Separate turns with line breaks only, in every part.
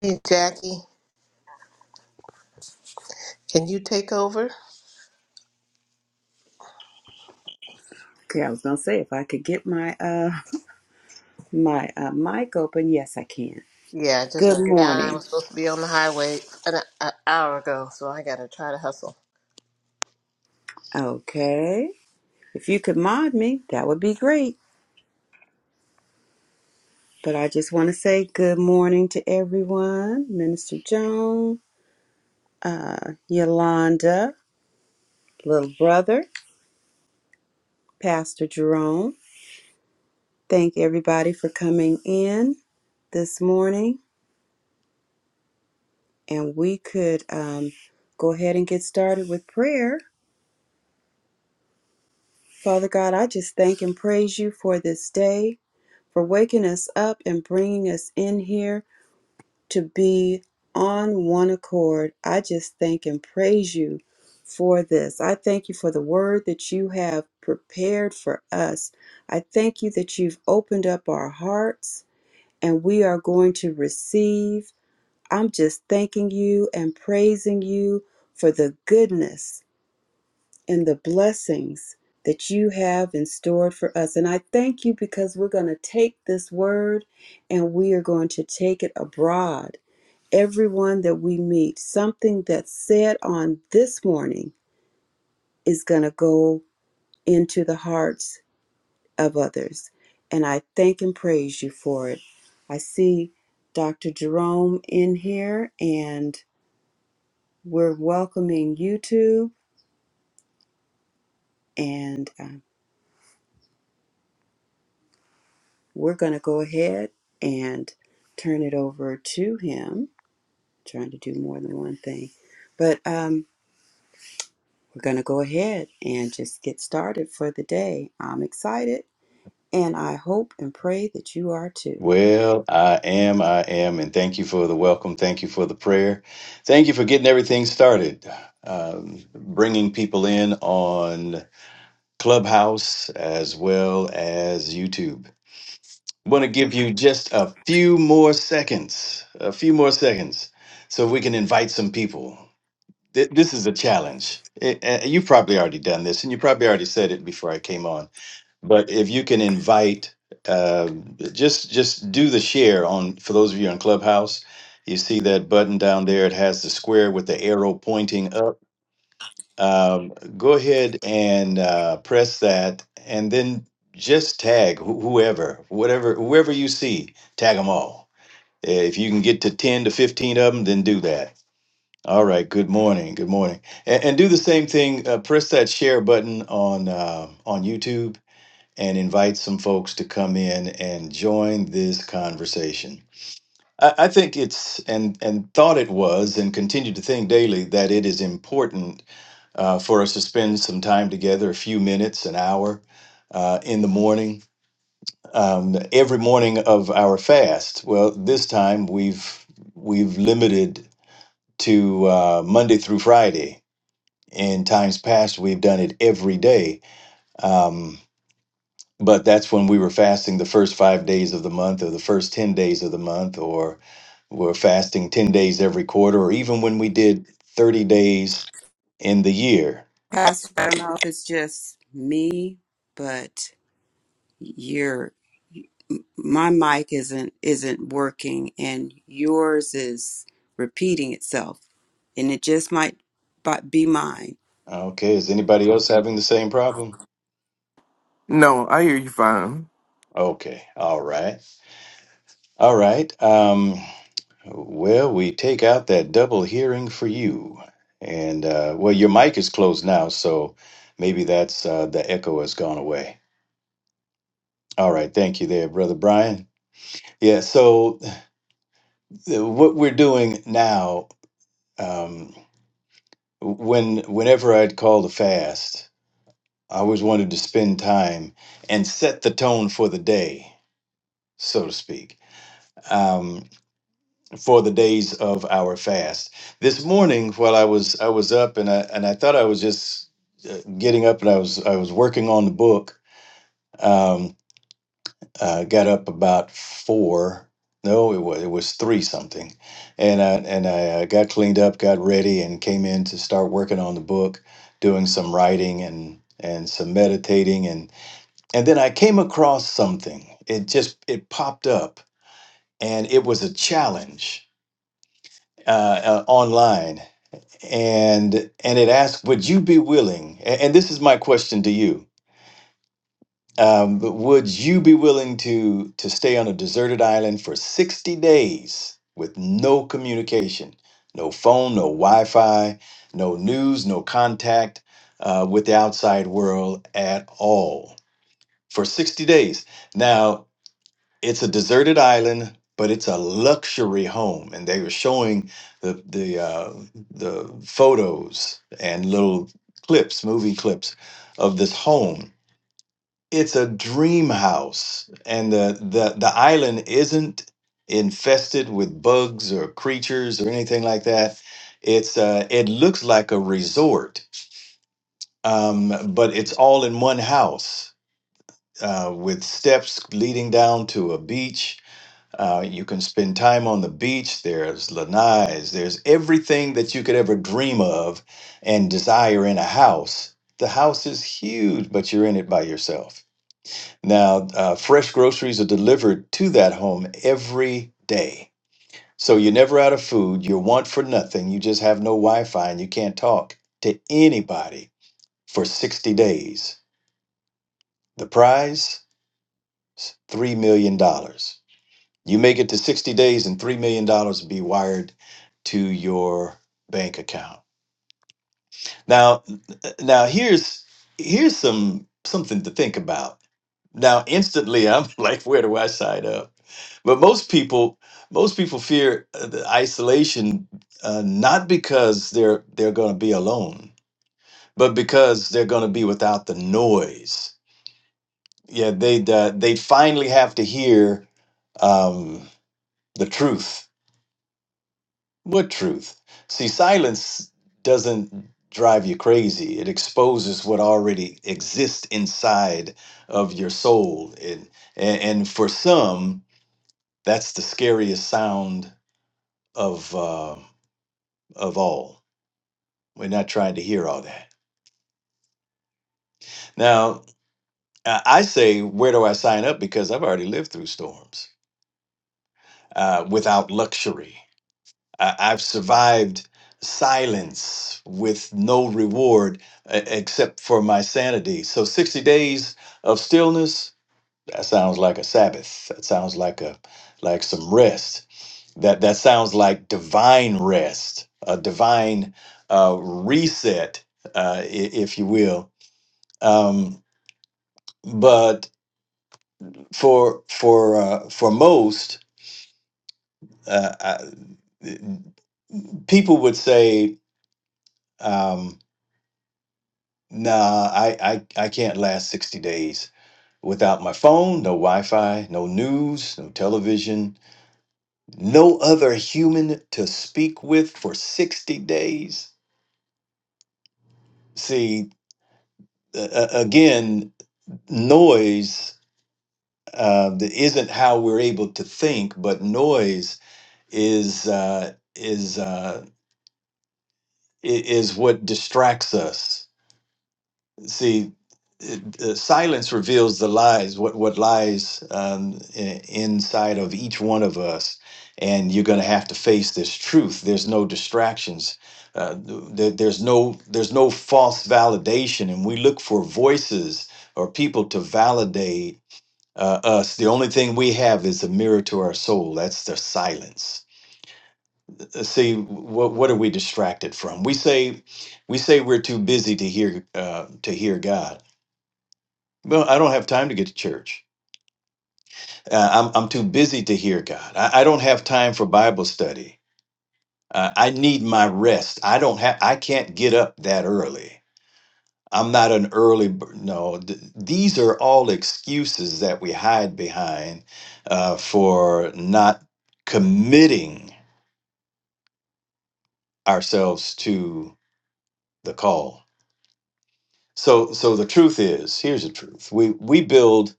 Hey, Jackie, can you take over?
Okay, I was gonna say if I could get my uh my uh, mic open, yes, I can.
Yeah, I just
Good
figured out I was
morning.
supposed to be on the highway an, an hour ago, so I gotta try to hustle.
Okay, if you could mod me, that would be great. But I just want to say good morning to everyone, Minister Joan, uh, Yolanda, little brother, Pastor Jerome. Thank everybody for coming in this morning, and we could um, go ahead and get started with prayer. Father God, I just thank and praise you for this day. for waking us up and bringing us in here to be on one accord. I just thank and praise you for this. I thank you for the word that you have prepared for us. I thank you that you've opened up our hearts and we are going to receive. I'm just thanking you and praising you for the goodness and the blessings that you have in store for us. And I thank you because we're going to take this word and we are going to take it abroad. Everyone that we meet, something that's said on this morning is going to go into the hearts of others. And I thank and praise you for it. I see Dr. Jerome in here, and we're welcoming YouTube. And uh, We're going to go ahead and turn it over to him. trying to do more than one thing, but um, we're going to go ahead and just get started for the day. I'm excited, and I hope and pray that you are too.
Well, I am, I am, and thank you for the welcome. Thank you for the prayer. Thank you for getting everything started, um, bringing people in on Clubhouse as well as YouTube. I want to give you just a few more seconds, a few more seconds, so we can invite some people. Th- This is a challenge. It, uh, you've probably already done this, and you probably already said it before I came on but if you can invite uh, just just do the share on for those of you on clubhouse you see that button down there it has the square with the arrow pointing up um, go ahead and uh, press that and then just tag wh- whoever whatever whoever you see tag them all Eh, if you can get to 10 to 15 of them then do that all right good morning good morning and, and do the same thing uh, press that share button on uh, on youtube and invite some folks to come in and join this conversation. I, I think it's and and thought it was and continue to think daily that it is important uh, for us to spend some time together, a few minutes, an hour uh, in the morning, um, every morning of our fast. Well, this time we've we've limited to uh, Monday through Friday. In times past, we've done it every day. Um, but that's when we were fasting the first five days of the month or the first 10 days of the month or we're fasting 10 days every quarter or even when we did 30 days in the year
Pastor, I don't know if it's just me, but your my mic isn't isn't working, and yours is repeating itself, and it just might bu- be mine.
okay is anybody else having the same problem
No, I hear you fine.
okay all right all right um well we take out that double hearing for you and uh well your mic is closed now so maybe that's uh the echo has gone away all right thank you there brother brian yeah, so the- what we're doing now um, when whenever i'd call the fast i always wanted to spend time and set the tone for the day so to speak um, for the days of our fast this morning while i was i was up and i and i thought i was just uh, getting up and i was i was working on the book um, uh, got up about four. No, it was it was three something, and I and I uh, got cleaned up, got ready, and came in to start working on the book, doing some writing and and some meditating, and and then I came across something. It just it popped up, and it was a challenge uh, uh, online, and and it asked, "Would you be willing?" a- and this is my question to you Um, but would you be willing to to stay on a deserted island for 60 days with no communication, no phone, no Wi-Fi, no news, no contact uh, with the outside world at all for 60 days? Now, it's a deserted island, but it's a luxury home, and they were showing the the uh, the photos and little clips, movie clips of this home it's a dream house and the, the the island isn't infested with bugs or creatures or anything like that it's uh it looks like a resort um but it's all in one house uh with steps leading down to a beach uh, you can spend time on the beach. There's lanais. There's everything that you could ever dream of and desire in a house. The house is huge, but you're in it by yourself. Now, uh, fresh groceries are delivered to that home every day. So you're never out of food. You're want for nothing. You just have no Wi Fi and you can't talk to anybody for 60 days. The prize? $3 million. dollars. You make it to 60 days and $3 million dollars will be wired to your bank account. Now, now here's here's some something to think about Now, instantly, I'm like, where do I sign up? But most people, most people fear uh, the isolation, uh, not because they're they're going to be alone, but because they're going to be without the noise. Yeah, they uh, they would finally have to hear um, the truth. What truth? See, silence doesn't drive you crazy. It exposes what already exists inside of your soul, and and, and for some That's the scariest sound of uh, of all. We're not trying to hear all that. Now, I I say, where do I sign up? Because I've already lived through storms uh, without luxury. I- I've survived silence with no reward uh, except for my sanity. So, 60 days of stillness. That sounds like a Sabbath. That sounds like a like some rest. That that sounds like divine rest, a divine uh, reset, uh, i- if you will. Um, but for for uh, for most uh, I, people would say, um, "Nah, I, I I can't last sixty days without my phone, no Wi-Fi, no news, no television, no other human to speak with for sixty days." See, uh, again noise uh, that isn't how we're able to think, but noise is uh, is uh, i- is what distracts us. See, it- uh, silence reveals the lies. What what lies um, i- inside of each one of us, and you're going to have to face this truth. There's no distractions. Uh, th- there- there's no there's no false validation, and we look for voices or people to validate uh, us. The only thing we have is a mirror to our soul. That's the silence. Uh, See, what what are we distracted from? We say, we say we're too busy to hear uh, to hear God. Well, I don't have time to get to church. Uh, I'm I'm too busy to hear God. I, I don't have time for Bible study. Uh, I need my rest. I don't have. I can't get up that early. I'm not an early bird. No, th- these are all excuses that we hide behind uh, for not committing ourselves to the call. So, so the truth is, here's the truth: we we build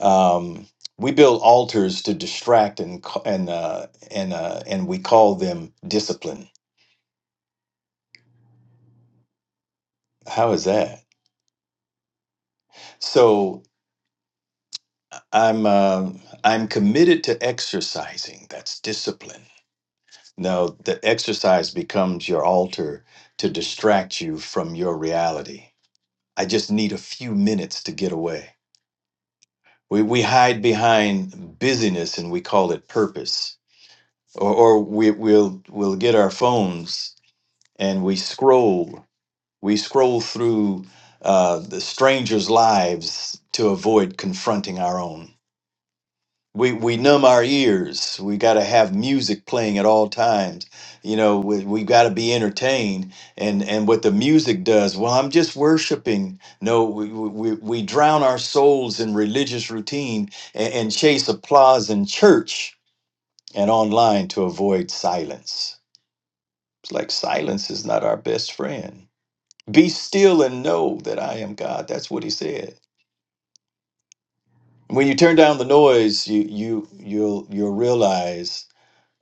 um, we build altars to distract and ca- and uh, and uh, and we call them discipline. How is that? So I'm um I'm committed to exercising. That's discipline. No, the exercise becomes your altar to distract you from your reality. I just need a few minutes to get away. We, we hide behind busyness and we call it purpose. Or, or we, we'll, we'll get our phones and we scroll. We scroll through uh, the strangers' lives to avoid confronting our own. we we numb our ears we got to have music playing at all times you know we, we got to be entertained and and what the music does well i'm just worshiping no we we, we drown our souls in religious routine and, and chase applause in church and online to avoid silence it's like silence is not our best friend be still and know that i am god that's what he said when you turn down the noise you you you'll you'll realize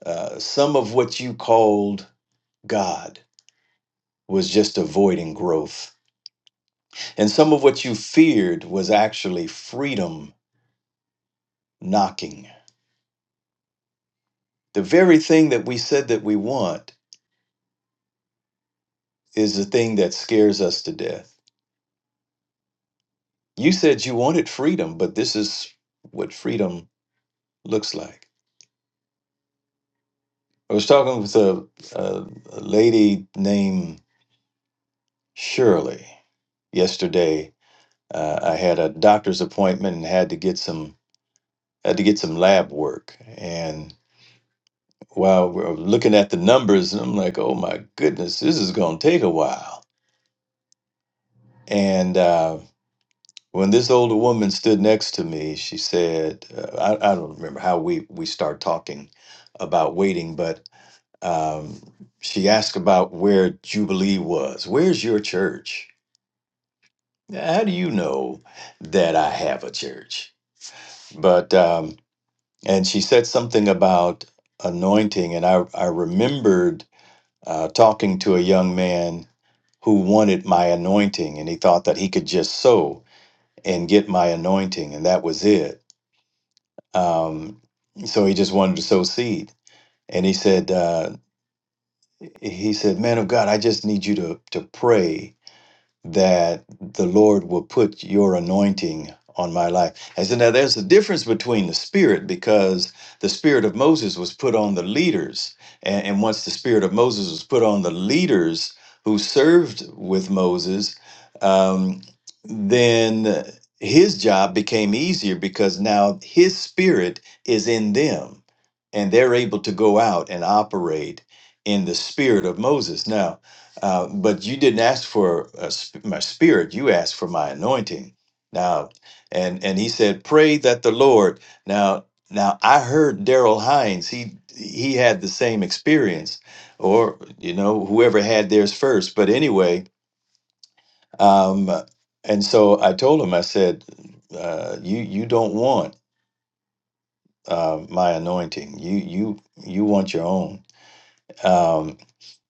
Uh, some of what you called God was just avoiding growth, and some of what you feared was actually freedom knocking. The very thing that we said that we want is the thing that scares us to death. You said you wanted freedom, but this is what freedom looks like. I was talking with a, a, a lady named Shirley yesterday. Uh, I had a doctor's appointment and had to get some had to get some lab work, and. while we're looking at the numbers, and I'm like, oh my goodness, this is going to take a while. And uh, when this older woman stood next to me, she said, uh, I, I don't remember how we, we start talking about waiting, but um, she asked about where Jubilee was. Where's your church? How do you know that I have a church? But, um, and she said something about anointing, and I, I remembered uh, talking to a young man who wanted my anointing and he thought that he could just sow and get my anointing and that was it. Um, so he just wanted to sow seed. And he said, uh, he said, man of God, I just need you to, to pray that the Lord will put your anointing on my life. And so now there's a difference between the spirit because the spirit of Moses was put on the leaders. And, and once the spirit of Moses was put on the leaders who served with Moses, um, then his job became easier because now his spirit is in them and they're able to go out and operate in the spirit of Moses. Now, uh, but you didn't ask for a, sp- my spirit; you asked for my anointing. Now, and and he said, "Pray that the Lord." Now, now I heard Daryl Hines. He he had the same experience, or you know, whoever had theirs first. But anyway, um, and so I told him. I said, uh, "You you don't want uh, my anointing. You you you want your own." Um,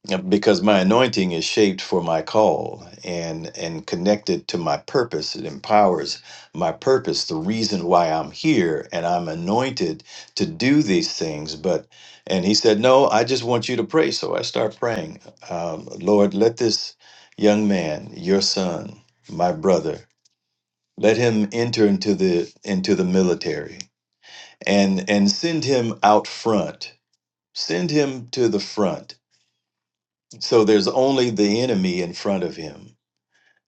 Yep, because my anointing is shaped for my call and and connected to my purpose it empowers my purpose the reason why i'm here and i'm anointed to do these things but and he said no i just want you to pray so i start praying um, lord let this young man your son my brother let him enter into the into the military and and send him out front send him to the front so there's only the enemy in front of him.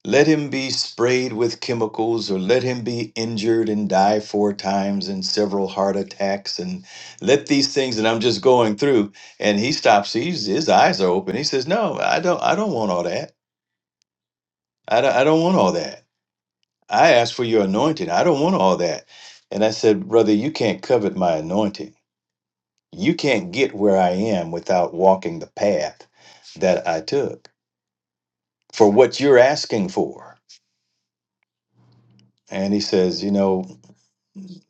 Let him be sprayed with chemicals, or let him be injured and die four times and several heart attacks, and let these things that I'm just going through. And he stops. He's, his eyes are open. He says, "No, I don't. I don't want all that. I don't, I don't want all that. I asked for your anointing. I don't want all that." And I said, "Brother, you can't covet my anointing. You can't get where I am without walking the path that I took for what you're asking for." and he says, you know,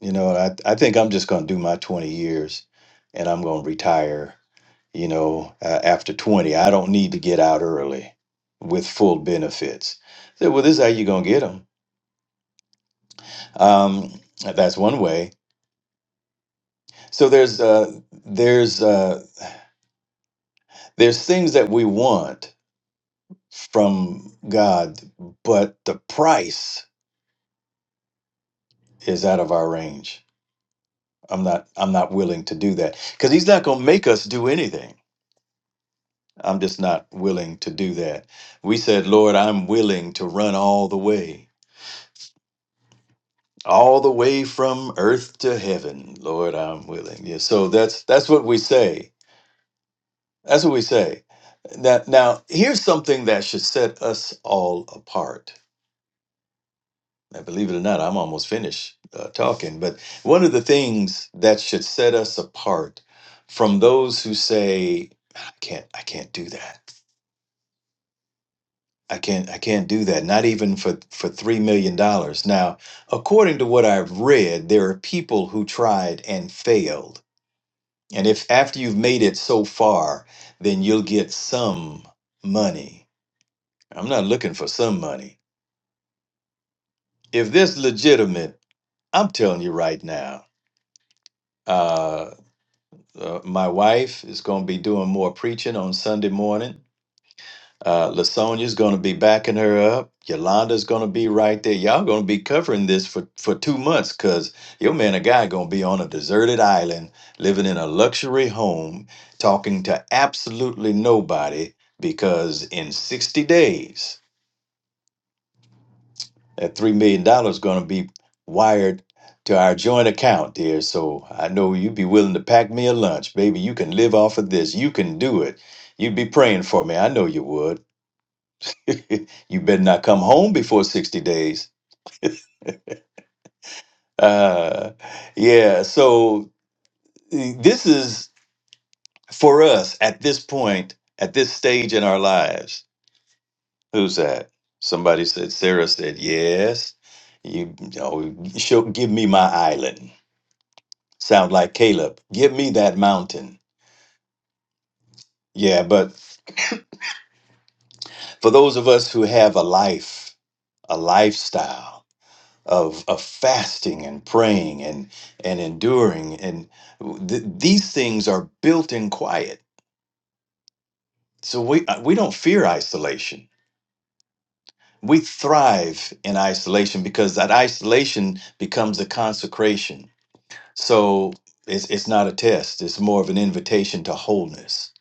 you know, I I think I'm just going to do my 20 years, and I'm going to retire. You know, uh, after 20, I don't need to get out early with full benefits. I said, well, this is how you're going to get them. Um, that's one way. So there's uh, there's uh, there's things that we want from God, but the price is out of our range. I'm not I'm not willing to do that because He's not going to make us do anything I'm just not willing to do that. We said, Lord, I'm willing to run all the way, all the way from earth to heaven. Lord, I'm willing. Yeah. So that's that's what we say. That's what we say. Now, now here's something that should set us all apart. Now, believe it or not, I'm almost finished uh, talking. But one of the things that should set us apart from those who say, "I can't, I can't do that." I can't I can't do that. Not even for for three million dollars. Now, according to what I've read, there are people who tried and failed. And if after you've made it so far, then you'll get some money. I'm not looking for some money. If this legitimate, I'm telling you right now. Uh, uh, my wife is going to be doing more preaching on Sunday morning Uh, Lasonia's going to be backing her up. Yolanda's going to be right there. Y'all going to be covering this for, for two months because your man and guy going to be on a deserted island, living in a luxury home, talking to absolutely nobody because in 60 days, that $3 million dollars is going to be wired to our joint account, dear. So I know you'd be willing to pack me a lunch. Baby, you can live off of this. You can do it. You'd be praying for me. I know you would. you better not come home before 60 days. Uh, yeah, so eh, this is for us at this point, at this stage in our lives. Who's that? Somebody said, Sarah said, yes. You, you know, show, give me my island. Sound like Caleb. Give me that mountain. Yeah, but for those of us who have a life, a lifestyle, of of fasting and praying and and enduring and th- these things are built in quiet so we uh, we don't fear isolation we thrive in isolation because that isolation becomes a consecration so it's it's not a test it's more of an invitation to wholeness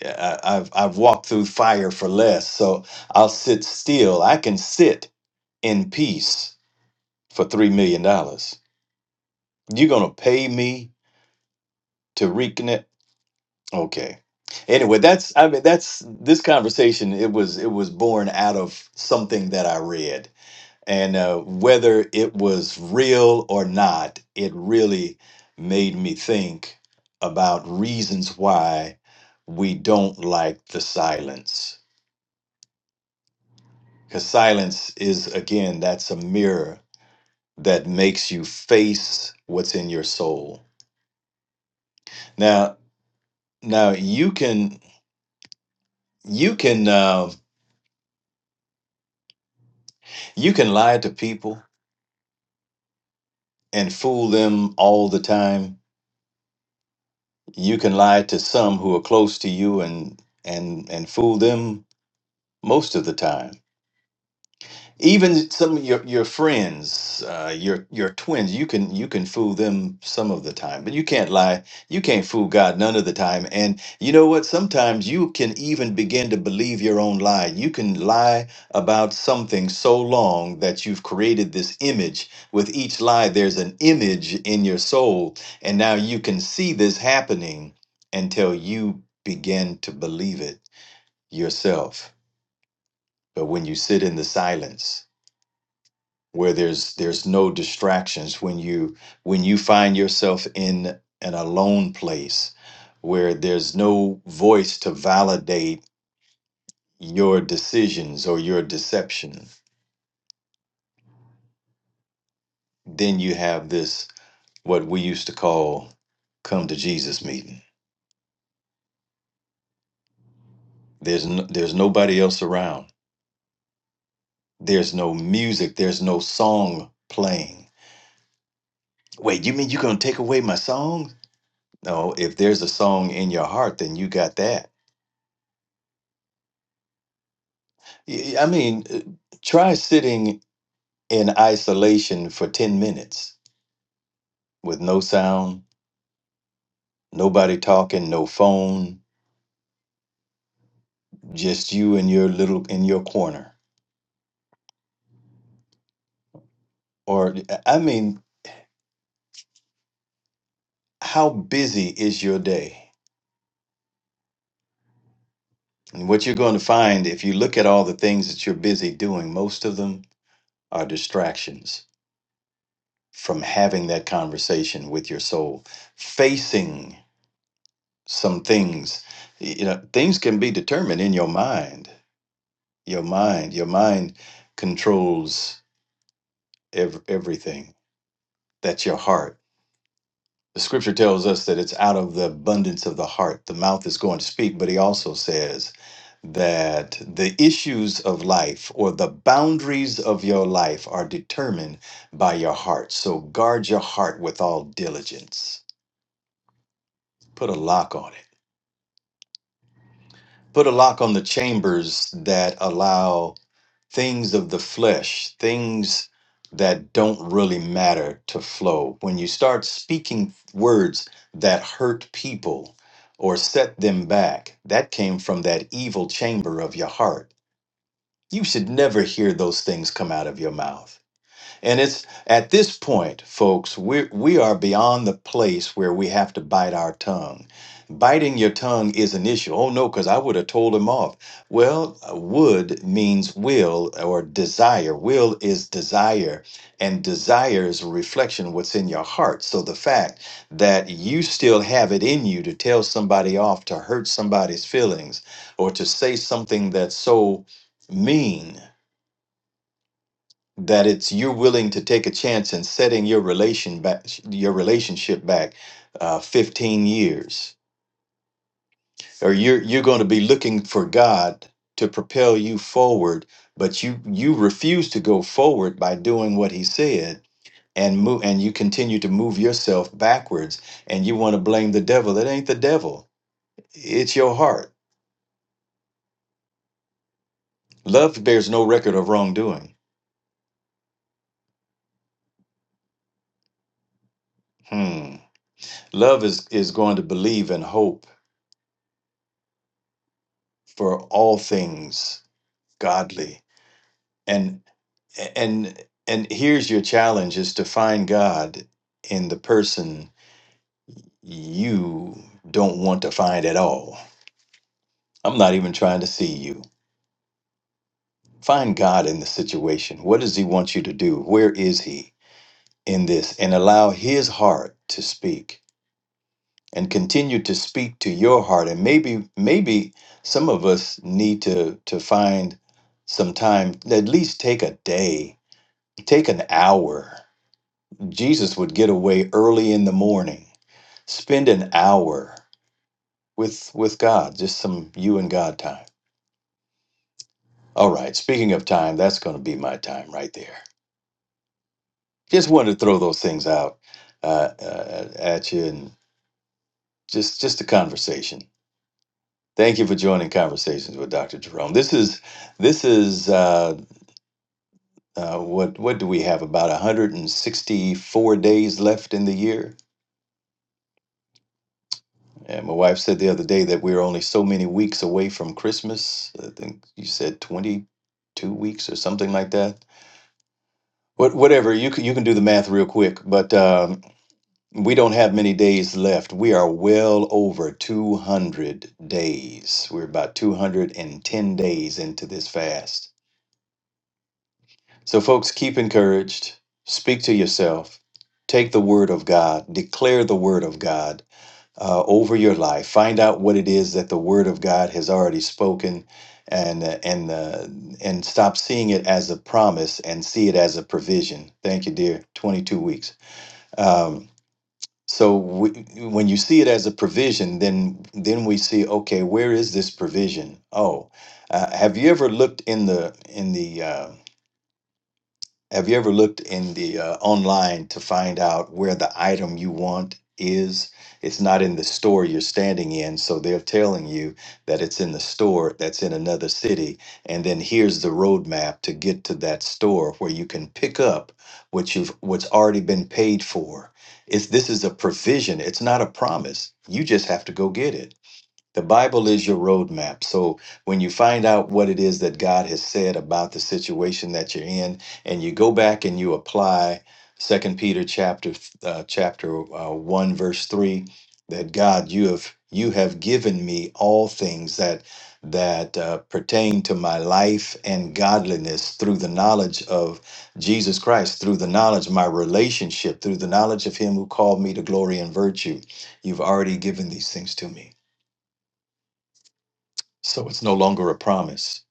Yeah, I, I've I've walked through fire for less so I'll sit still I can sit in peace for 3 million dollars you're going to pay me to reconnect Okay. Anyway, that's I mean that's this conversation it was it was born out of something that I read and uh, whether it was real or not, it really made me think about reasons why we don't like the silence. Cuz silence is again that's a mirror that makes you face what's in your soul. Now now you can you can uh, you can lie to people and fool them all the time. You can lie to some who are close to you and and and fool them most of the time. Even some of your your friends, uh, your your twins, you can you can fool them some of the time, but you can't lie. You can't fool God none of the time. And you know what? Sometimes you can even begin to believe your own lie. You can lie about something so long that you've created this image. With each lie, there's an image in your soul, and now you can see this happening until you begin to believe it yourself. But when you sit in the silence where there's there's no distractions when you when you find yourself in an alone place where there's no voice to validate your decisions or your deception then you have this what we used to call come to Jesus meeting there's no, there's nobody else around there's no music there's no song playing wait you mean you're going to take away my song no if there's a song in your heart then you got that Y- I mean, uh, try sitting in isolation for 10 minutes with no sound, nobody talking, no phone, just you in your little in your corner. Or I mean, how busy is your day? And what you're going to find if you look at all the things that you're busy doing, most of them are distractions from having that conversation with your soul, facing some things. You know, things can be determined in your mind your mind your mind controls ev- everything that's your heart the scripture tells us that it's out of the abundance of the heart the mouth is going to speak but he also says that the issues of life or the boundaries of your life are determined by your heart so guard your heart with all diligence put a lock on it put a lock on the chambers that allow things of the flesh, things that don't really matter to flow. When you start speaking words that hurt people or set them back, that came from that evil chamber of your heart. You should never hear those things come out of your mouth. And it's at this point, folks, we we are beyond the place where we have to bite our tongue. Biting your tongue is an issue. Oh no, because I would have told him off. Well, uh, would means will or desire. Will is desire, and desire is a reflection of what's in your heart. So the fact that you still have it in you to tell somebody off, to hurt somebody's feelings, or to say something that's so mean that it's you're willing to take a chance in setting your relation back your relationship back uh, 15 years or you're you're going to be looking for god to propel you forward but you you refuse to go forward by doing what he said and move and you continue to move yourself backwards and you want to blame the devil it ain't the devil it's your heart love bears no record of wrongdoing hmm love is is going to believe and hope for all things godly and and and here's your challenge is to find god in the person you don't want to find at all i'm not even trying to see you find god in the situation what does he want you to do where is he in this and allow his heart to speak and continue to speak to your heart and maybe maybe some of us need to to find some time at least take a day take an hour Jesus would get away early in the morning, spend an hour with with God, just some you and God time. All right, speaking of time, that's going to be my time right there. Just wanted to throw those things out uh, uh, at you and just just a conversation. Thank you for joining conversations with Dr. Jerome. This is this is uh, uh, what what do we have about 164 days left in the year? And my wife said the other day that we are only so many weeks away from Christmas. I think you said 22 weeks or something like that. What, whatever, you can, you can do the math real quick, but um, we don't have many days left. We are well over 200 days. We're about 210 days into this fast. So, folks, keep encouraged, speak to yourself, take the word of God, declare the word of God uh, over your life. Find out what it is that the Word of God has already spoken, and uh, and uh, and stop seeing it as a promise and see it as a provision. Thank you, dear. Twenty two weeks. Um, so we, when you see it as a provision, then then we see okay, where is this provision? Oh, uh, have you ever looked in the in the uh, have you ever looked in the uh, online to find out where the item you want is? It's not in the store you're standing in, so they're telling you that it's in the store that's in another city, and then here's the roadmap to get to that store where you can pick up what you've what's already been paid for. It's this is a provision. It's not a promise. You just have to go get it. The Bible is your roadmap. So when you find out what it is that God has said about the situation that you're in, and you go back and you apply Second Peter chapter uh, chapter uh, one verse three, that God you have you have given me all things that that uh, pertain to my life and godliness through the knowledge of Jesus Christ, through the knowledge of my relationship, through the knowledge of Him who called me to glory and virtue. You've already given these things to me. So it's no longer a promise,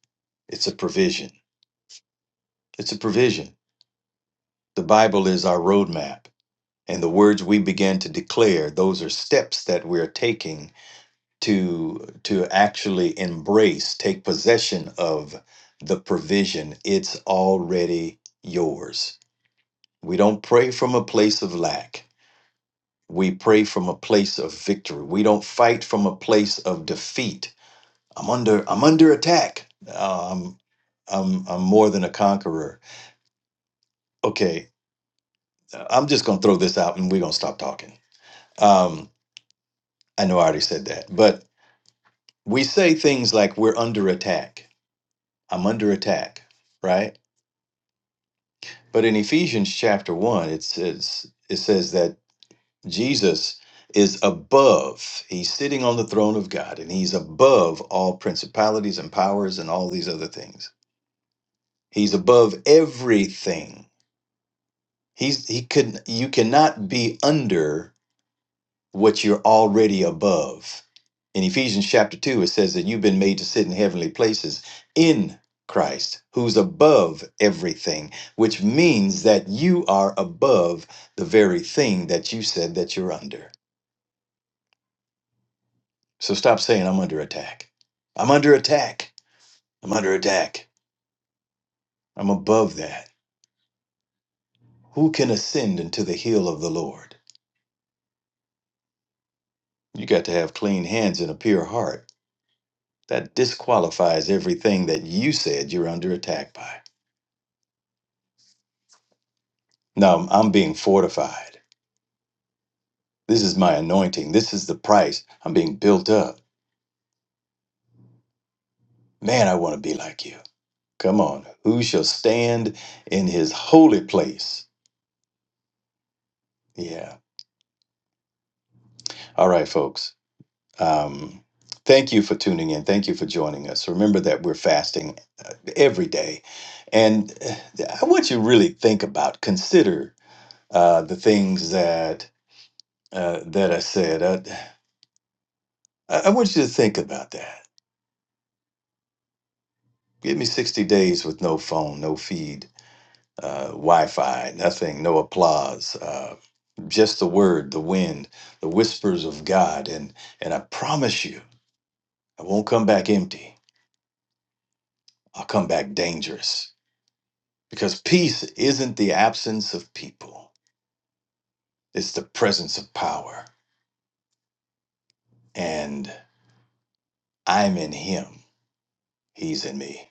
it's a provision. It's a provision. The Bible is our roadmap, and the words we began to declare, those are steps that we're taking to to actually embrace, take possession of the provision. It's already yours. We don't pray from a place of lack. We pray from a place of victory. We don't fight from a place of defeat. I'm under I'm under attack. Uh, I'm I'm I'm more than a conqueror okay, I'm just going to throw this out and we're going to stop talking. Um, I know I already said that, but we say things like we're under attack. I'm under attack, right? But in Ephesians chapter 1, it says it says that Jesus is above. He's sitting on the throne of God and he's above all principalities and powers and all these other things. He's above everything. He's he could you cannot be under what you're already above. In Ephesians chapter 2, it says that you've been made to sit in heavenly places in Christ, who's above everything, which means that you are above the very thing that you said that you're under. So stop saying, I'm under attack. I'm under attack. I'm under attack. I'm above that. Who can ascend into the hill of the Lord? You got to have clean hands and a pure heart. That disqualifies everything that you said you're under attack by. No, I'm I'm being fortified. This is my anointing. This is the price. I'm being built up. Man, I want to be like you. Come on. Who shall stand in his holy place? Yeah. All right, folks. Um, thank you for tuning in. Thank you for joining us. Remember that we're fasting every day. And uh, I want you to really think about, consider uh, the things that uh, that I said. I, I I want you to think about that. Give me 60 days with no phone, no feed uh, Wi-Fi, nothing, no applause, uh, just the word, the wind, the whispers of God, and and I promise you, I won't come back empty. I'll come back dangerous because peace isn't the absence of people; it's the presence of power. And I'm in Him; He's in me.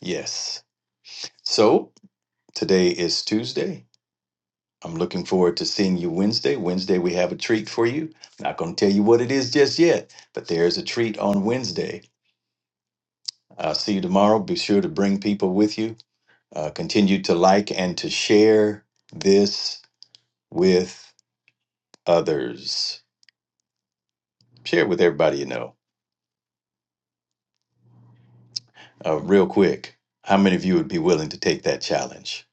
Yes. So today is Tuesday. I'm looking forward to seeing you Wednesday. Wednesday we have a treat for you. Not going to tell you what it is just yet, but there's a treat on Wednesday Uh, see you tomorrow. Be sure to bring people with you. Uh, continue to like and to share this with others. Share it with everybody you know. Uh, real quick, how many of you would be willing to take that challenge?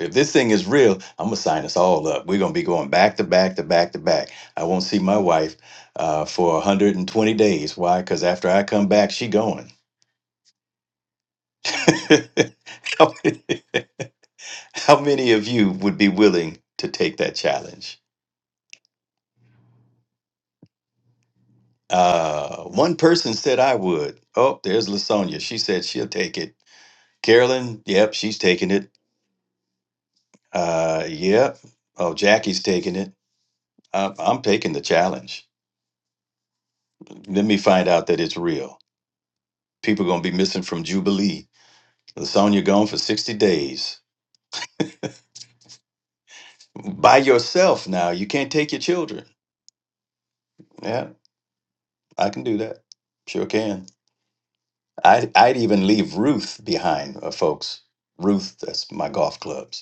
If this thing is real, I'm going to sign us all up. We're going to be going back to back to back to back. I won't see my wife uh, for 120 days. Why? Because after I come back, she going. how, many, how many of you would be willing to take that challenge? Uh, one person said I would. Oh, there's Lasonia. She said she'll take it. Carolyn, yep, she's taking it. Uh, yep. Oh, Jackie's taking it. I'm, I'm taking the challenge. Let me find out that it's real. People gonna be missing from Jubilee. Lasonia gone for sixty days by yourself now. You can't take your children. Yeah, I can do that. Sure can. I'd I'd even leave Ruth behind, uh, folks. Ruth, that's my golf clubs.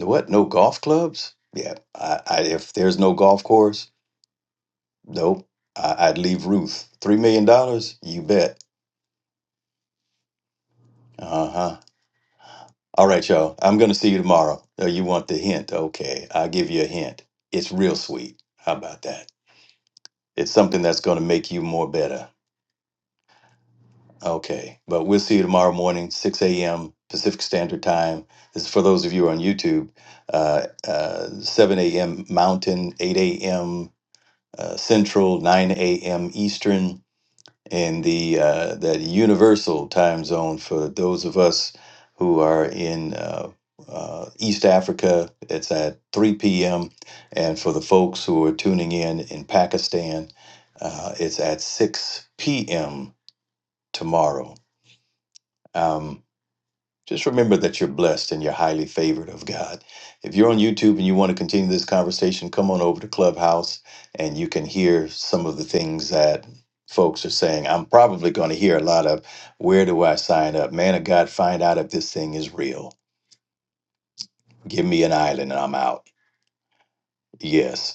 What? No golf clubs? Yeah. I, I if there's no golf course, nope. I, I'd leave Ruth. Three million dollars? You bet. Uh huh. All right, y'all. I'm gonna see you tomorrow. Oh, you want the hint? Okay, I'll give you a hint. It's real sweet. How about that? It's something that's gonna make you more better. Okay, but we'll see you tomorrow morning, 6 a.m. Pacific Standard Time. This is for those of you on YouTube, uh, uh, 7 a.m. Mountain, 8 a.m. uh, Central, 9 a.m. Eastern, and the uh, that universal time zone for those of us who are in uh, uh, East Africa. It's at 3 p.m. And for the folks who are tuning in in Pakistan, uh, it's at 6 p.m. tomorrow. Um, just remember that you're blessed and you're highly favored of God. If you're on YouTube and you want to continue this conversation, come on over to Clubhouse and you can hear some of the things that folks are saying. I'm probably going to hear a lot of where do I sign up? Man of God, find out if this thing is real. Give me an island and I'm out. Yes.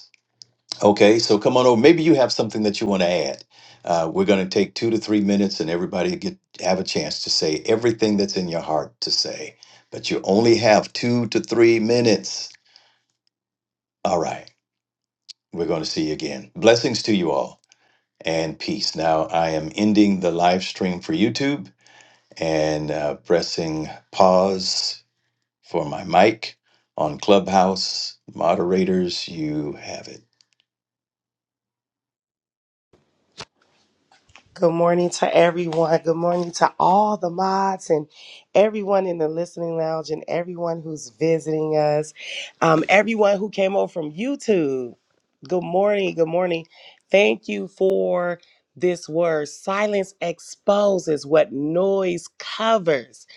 Okay, so come on over. Maybe you have something that you want to add. Uh, we're going to take two to three minutes, and everybody get have a chance to say everything that's in your heart to say. But you only have two to three minutes. All right, we're going to see you again. Blessings to you all, and peace. Now I am ending the live stream for YouTube and uh, pressing pause for my mic on Clubhouse. Moderators, you have it.
Good morning to everyone. Good morning to all the mods and everyone in the listening lounge and everyone who's visiting us. Um, everyone who came over from YouTube. Good morning. Good morning. Thank you for this word. Silence exposes what noise covers.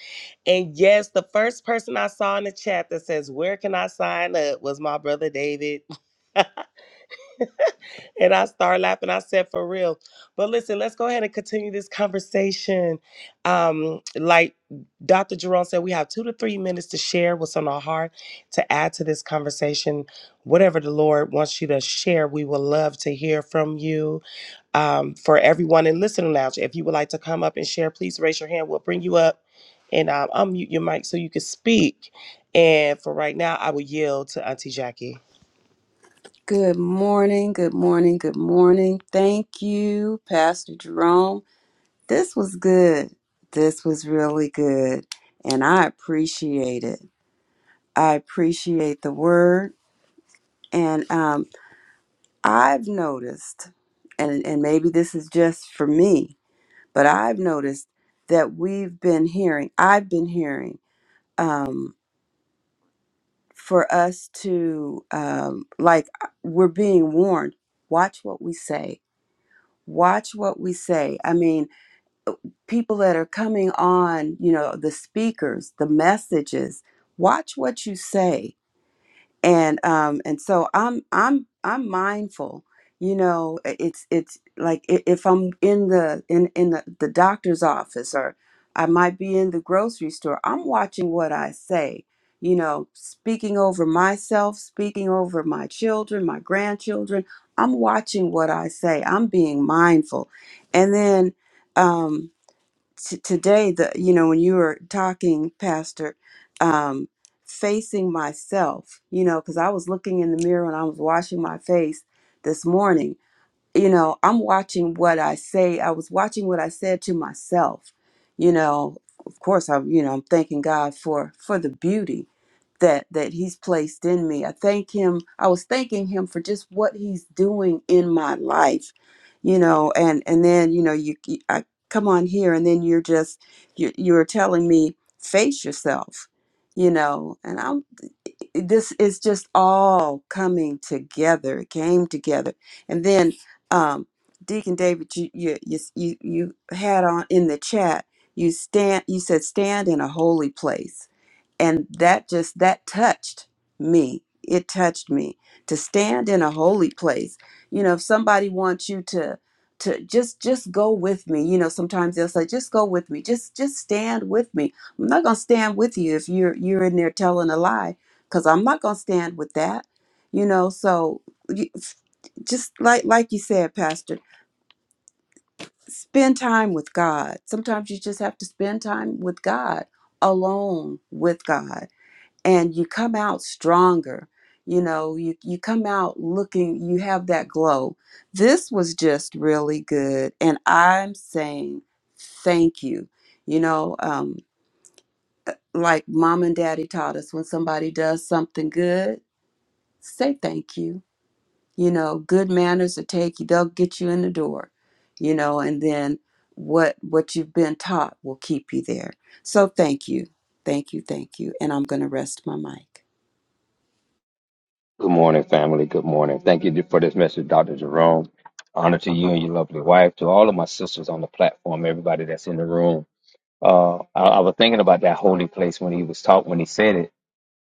And yes, the first person I saw in the chat that says, Where can I sign up? was my brother David. And I started laughing. I said, for real. But listen, let's go ahead and continue this conversation. Um, like Dr. Jerome said, we have two to three minutes to share what's on our heart, to add to this conversation. Whatever the Lord wants you to share, we would love to hear from you. Um, for everyone in listening lounge, if you would like to come up and share, please raise your hand. We'll bring you up and um, unmute your mic so you can speak. And for right now, I will yield to Auntie Jackie.
Good morning, good morning, good morning. Thank you, Pastor Jerome. This was good. This was really good. And I appreciate it. I appreciate the word. And um, I've noticed, and, and maybe this is just for me, but I've noticed that we've been hearing, I've been hearing um, for us to, um, like, we're being warned watch what we say watch what we say. I mean, people that are coming on, you know, the speakers, the messages, watch what you say and um and so i'm i'm i'm mindful you know i- it's it's like i- if i'm in the in in the, the doctor's office or i might be in the grocery store i'm watching what i say you know speaking over myself speaking over my children my grandchildren i'm watching what i say i'm being mindful and then um, t- today the you know when you were talking pastor um facing myself you know because i was looking in the mirror and i was washing my face this morning you know i'm watching what i say i was watching what i said to myself you know of course i'm you know i'm thanking god for for the beauty that that he's placed in me. I thank him. I was thanking him for just what he's doing in my life, you know. And and then you know you you- I come on here, and then you're just you you're telling me face yourself, you know. And I'm this is just all coming together. It came together, and then um, Deacon David, you you you you you had on in the chat. You stand. You said stand in a holy place and that just that touched me it touched me to stand in a holy place you know if somebody wants you to to just just go with me you know sometimes they'll say just go with me just just stand with me i'm not going to stand with you if you're you're in there telling a lie cuz i'm not going to stand with that you know so you- just like like you said pastor spend time with god sometimes you just have to spend time with god alone with god and you come out stronger you know you, you come out looking you have that glow this was just really good and i'm saying thank you you know um, like mom and daddy taught us when somebody does something good say thank you you know good manners will take you they'll get you in the door you know and then what what you've been taught will keep you there so thank you thank you thank you and i'm going to rest my mic
Good morning, family. Good morning. Thank you for this message, Dr. Jerome. Honor to you and your lovely wife, to all of my sisters on the platform, everybody that's in the room. Uh, I, I was thinking about that holy place when he was taught, when he said it.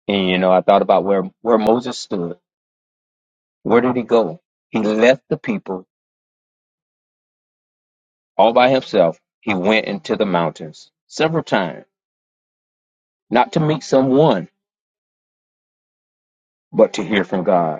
And, you know, I thought about where, where Moses stood. Where did he go? He left the people all by himself. He went into the mountains several times, not to meet someone, but to hear from God.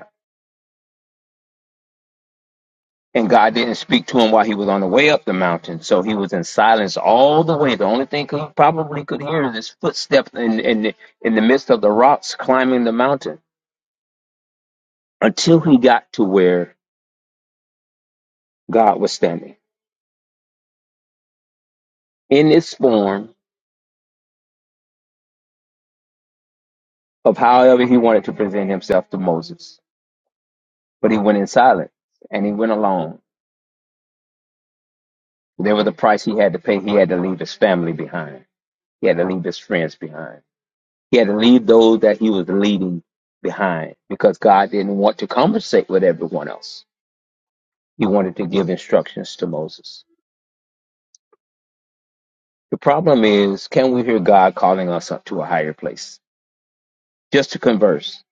and God didn't speak to him while he was on the way up the mountain. So he was in silence all the way. The only thing he probably could hear is his footsteps in, in, the- in the midst of the rocks climbing the mountain until he got to where God was standing in this form of however he wanted to present himself to Moses. But he went in silence and he went alone. There was a price he had to pay. He had to leave his family behind. He had to leave his friends behind He had to leave those that he was leading behind because God didn't want to conversate with everyone else. He wanted to give instructions to Moses. The problem is, can we hear God calling us up to a higher place just to converse?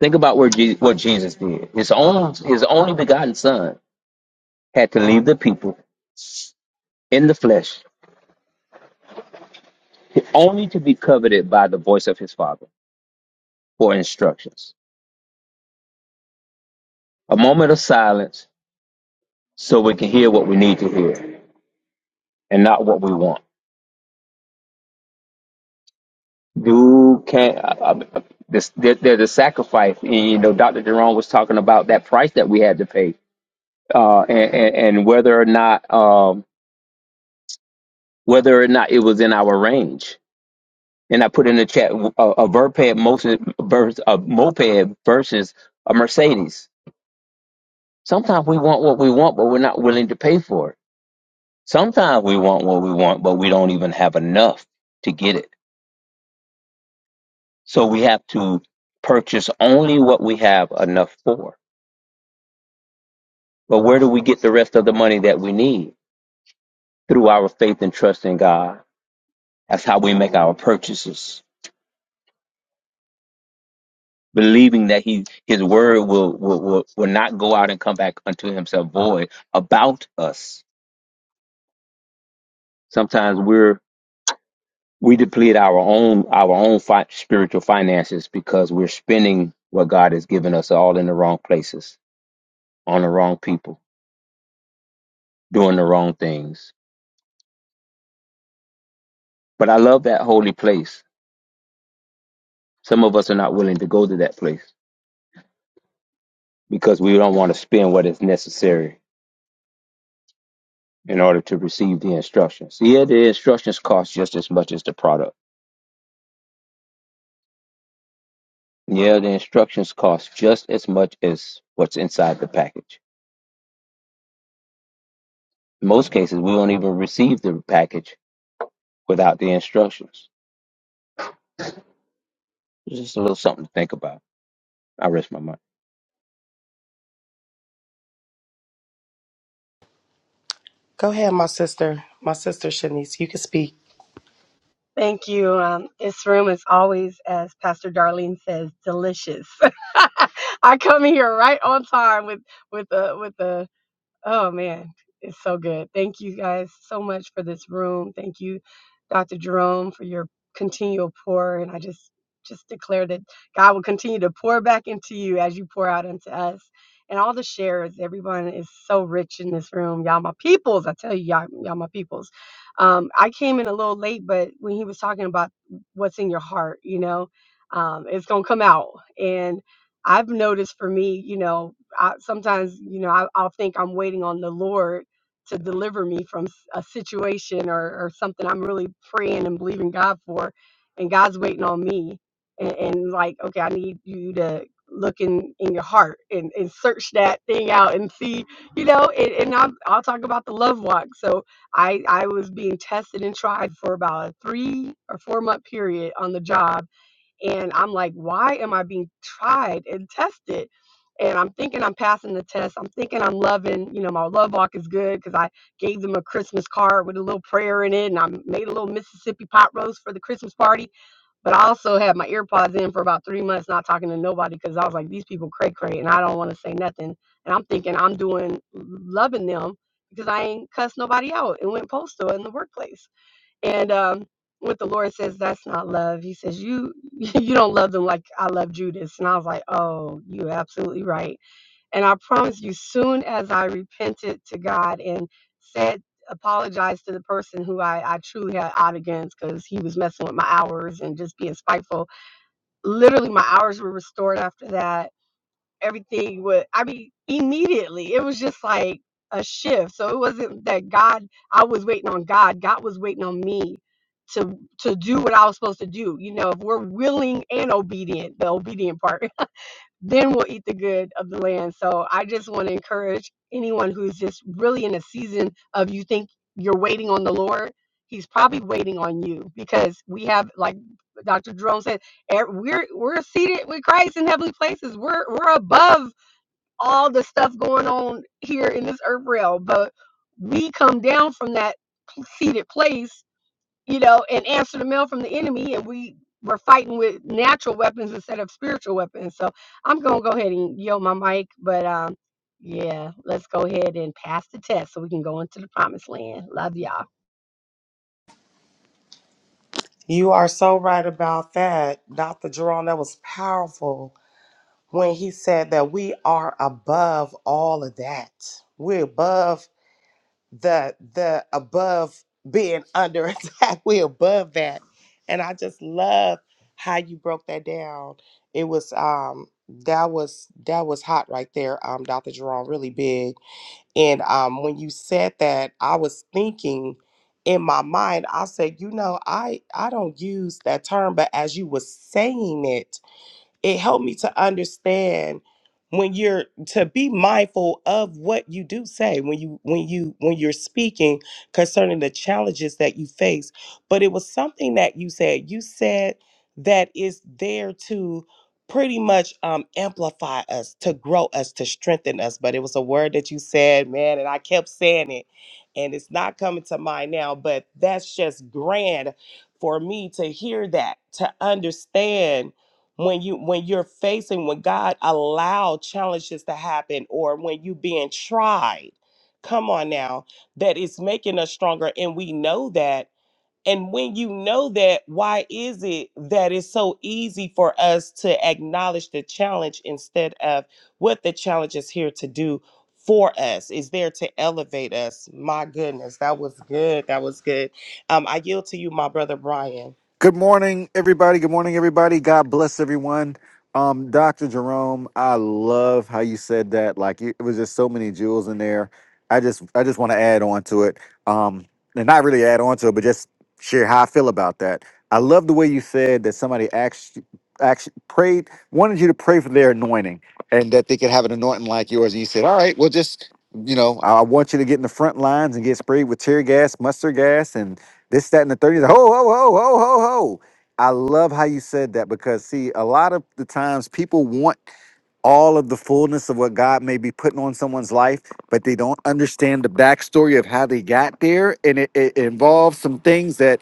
Think about where Je- what Jesus did. His own, his only begotten son had to leave the people in the flesh, only to be coveted by the voice of his father for instructions. A moment of silence so we can hear what we need to hear and not what we want. You can't. I, I, this, there, there's a sacrifice, and you know, Dr. Jerome was talking about that price that we had to pay, uh, and, and and whether or not, um, whether or not it was in our range. And I put in the chat a, a verped versus vers- a moped versus a Mercedes. Sometimes we want what we want, but we're not willing to pay for it. Sometimes we want what we want, but we don't even have enough to get it. So we have to purchase only what we have enough for But where do we get the rest of the money that we need? Through our faith and trust in God. That's how we make our purchases, believing that he, His word will, will, will, will not go out and come back unto Himself void about us. Sometimes we're we deplete our own our own fi- spiritual finances because we're spending what God has given us all in the wrong places, on the wrong people, doing the wrong things. But I love that holy place. Some of us are not willing to go to that place because we don't want to spend what is necessary in order to receive the instructions. Yeah, the instructions cost just as much as the product. Yeah, the instructions cost just as much as what's inside the package. In most cases, we won't even receive the package without the instructions. It's just a little something to think about. I rest my mind.
Go ahead, my sister. My sister Shanice, you can speak.
Thank you. Um, this room is always, as Pastor Darlene says, delicious. I come here right on time with with a, with a. Oh man, it's so good. Thank you guys so much for this room. Thank you, Dr. Jerome, for your continual pour. And I just just declare that God will continue to pour back into you as you pour out into us. And all the shares, everyone is so rich in this room. Y'all my peoples. I tell you, y'all, y'all my peoples. Um, I came in a little late, but when he was talking about what's in your heart, you know, um, it's gonna come out. And I've noticed for me, you know, I, sometimes you know I, I'll think I'm waiting on the Lord to deliver me from s- a situation or, or something I'm really praying and believing God for, and God's waiting on me. And, and like, okay, I need you to look in, in your heart and, and search that thing out and see, you know. And, and I'm, I'll talk about the love walk. So I I was being tested and tried for about a three or four month period on the job and I'm like, why am I being tried and tested? And I'm thinking I'm passing the test. I'm thinking I'm loving, you know, my love walk is good because I gave them a Christmas card with a little prayer in it. And I made a little Mississippi pot roast for the Christmas party. But I also had my earpods in for about three months, not talking to nobody because I was like, these people cray cray and I don't want to say nothing. And I'm thinking I'm doing loving them because I ain't cussed nobody out and went postal in the workplace. And um, what the Lord says, that's not love. He says, you you don't love them like I love Judas. And I was like, oh, you're absolutely right. And I promise you, soon as I repented to God and said, apologized to the person who I, I truly had out against because he was messing with my hours and just being spiteful, literally my hours were restored after that everything would i mean immediately it was just like a shift so it wasn't that god i was waiting on god god was waiting on me to to do what i was supposed to do you know if we're willing and obedient the obedient part then we'll eat the good of the land so i just want to encourage anyone who's just really in a season of you think you're waiting on the lord he's probably waiting on you because we have like dr jerome said e- we're we're seated with christ in heavenly places we're we're above all the stuff going on here in this earth realm. But we come down from that seated place, you know, and answer the mail from the enemy, and we we're fighting with natural weapons instead of spiritual weapons. So I'm gonna go ahead and yield my mic, but um, yeah, let's go ahead and pass the test so we can go into the promised land. Love y'all.
You are so right about that, Dr. Jerome. That was powerful when he said that we are above all of that. We're above the the above being under attack. We're above that. And I just love how you broke that down. It was um that was that was hot right there, um, Dr. Jerome, really big. And um, when you said that, I was thinking in my mind, I said, you know, I I don't use that term, but as you were saying it, it helped me to understand when you're to be mindful of what you do say when you when you when you're speaking concerning the challenges that you face but it was something that you said you said that is there to pretty much um, amplify us to grow us to strengthen us but it was a word that you said man and i kept saying it and it's not coming to mind now but that's just grand for me to hear that to understand when you when you're facing when God allowed challenges to happen or when you being tried come on now that is making us stronger and we know that and when you know that why is it that it's so easy for us to acknowledge the challenge instead of what the challenge is here to do for us is there to elevate us my goodness that was good that was good um i yield to you my brother brian
Good morning, everybody. Good morning, everybody. God bless everyone. Um, Dr. Jerome, I love how you said that. Like you- it was just so many jewels in there. I just I just want to add on to it. Um, and not really add on to it, but just share how I feel about that. I love the way you said that somebody actually actually prayed, wanted you to pray for their anointing and that they could have an anointing like yours. And you said, All right, well just you know, I I want you to get in the front lines and get sprayed with tear gas, mustard gas, and..." This, that, and the thirties, Ho, ho, ho, ho, ho, ho. I love how you said that because, see, a lot of the times people want all of the fullness of what God may be putting on someone's life, but they don't understand the backstory of how they got there. And it, it involves some things that,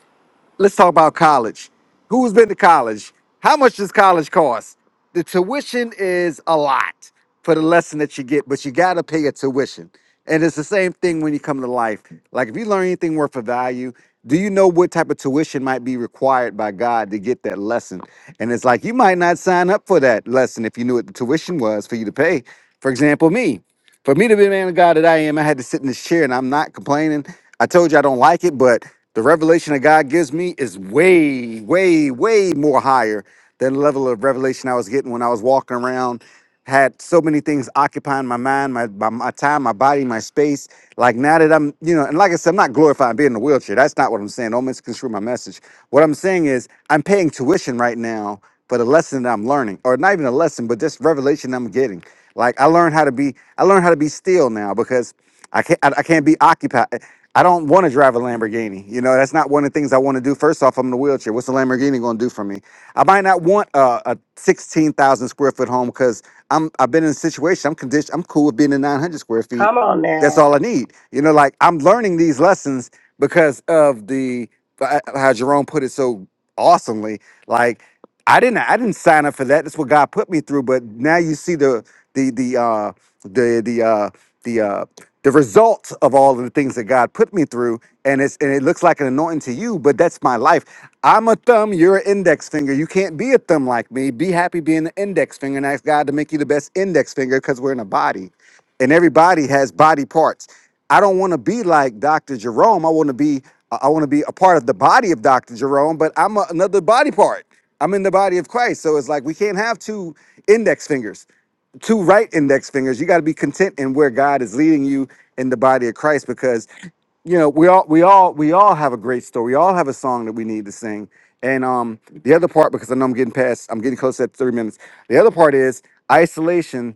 let's talk about college. Who's been to college? How much does college cost? The tuition is a lot for the lesson that you get, but you got to pay a tuition. And it's the same thing when you come to life. Like if you learn anything worth of value, do you know what type of tuition might be required by God to get that lesson? And it's like you might not sign up for that lesson if you knew what the tuition was for you to pay. For example, me. For me to be the man of God that I am, I had to sit in this chair and I'm not complaining. I told you I don't like it, but the revelation that God gives me is way, way, way more higher than the level of revelation I was getting when I was walking around had so many things occupying my mind, my, my my time, my body, my space. Like now that I'm, you know, and like I said, I'm not glorifying being in a wheelchair. That's not what I'm saying. Don't misconstrue my message. What I'm saying is I'm paying tuition right now for the lesson that I'm learning, or not even a lesson, but just revelation I'm getting. Like I learned how to be, I learned how to be still now because I can't I, I can't be occupied. I don't want to drive a Lamborghini. You know, that's not one of the things I want to do. First off, I'm in a wheelchair. What's a Lamborghini going to do for me? I might not want a, a 16,000 square foot home because I'm I've been in a situation. I'm conditioned. I'm cool with being in 900 square feet.
come on
That's
now
all I need. You know, like I'm learning these lessons because of the uh, how Jerome put it so awesomely. Like I didn't I didn't sign up for that. That's what God put me through. But now you see the the the uh the the uh the uh the results of all of the things that God put me through, and it's and it looks like an anointing to you, but that's my life. I'm a thumb, you're an index finger. You can't be a thumb like me. Be happy being an index finger and ask God to make you the best index finger because we're in a body and everybody has body parts. I don't want to be like Dr. Jerome. I want to be I want to be a part of the body of Dr. Jerome, but I'm a, another body part. I'm in the body of Christ. So it's like we can't have two index fingers, two right index fingers. You got to be content in where God is leading you in the body of Christ because you know, we all we all we all have a great story. We all have a song that we need to sing. And um the other part, because I know I'm getting past, I'm getting close to that three minutes. The other part is isolation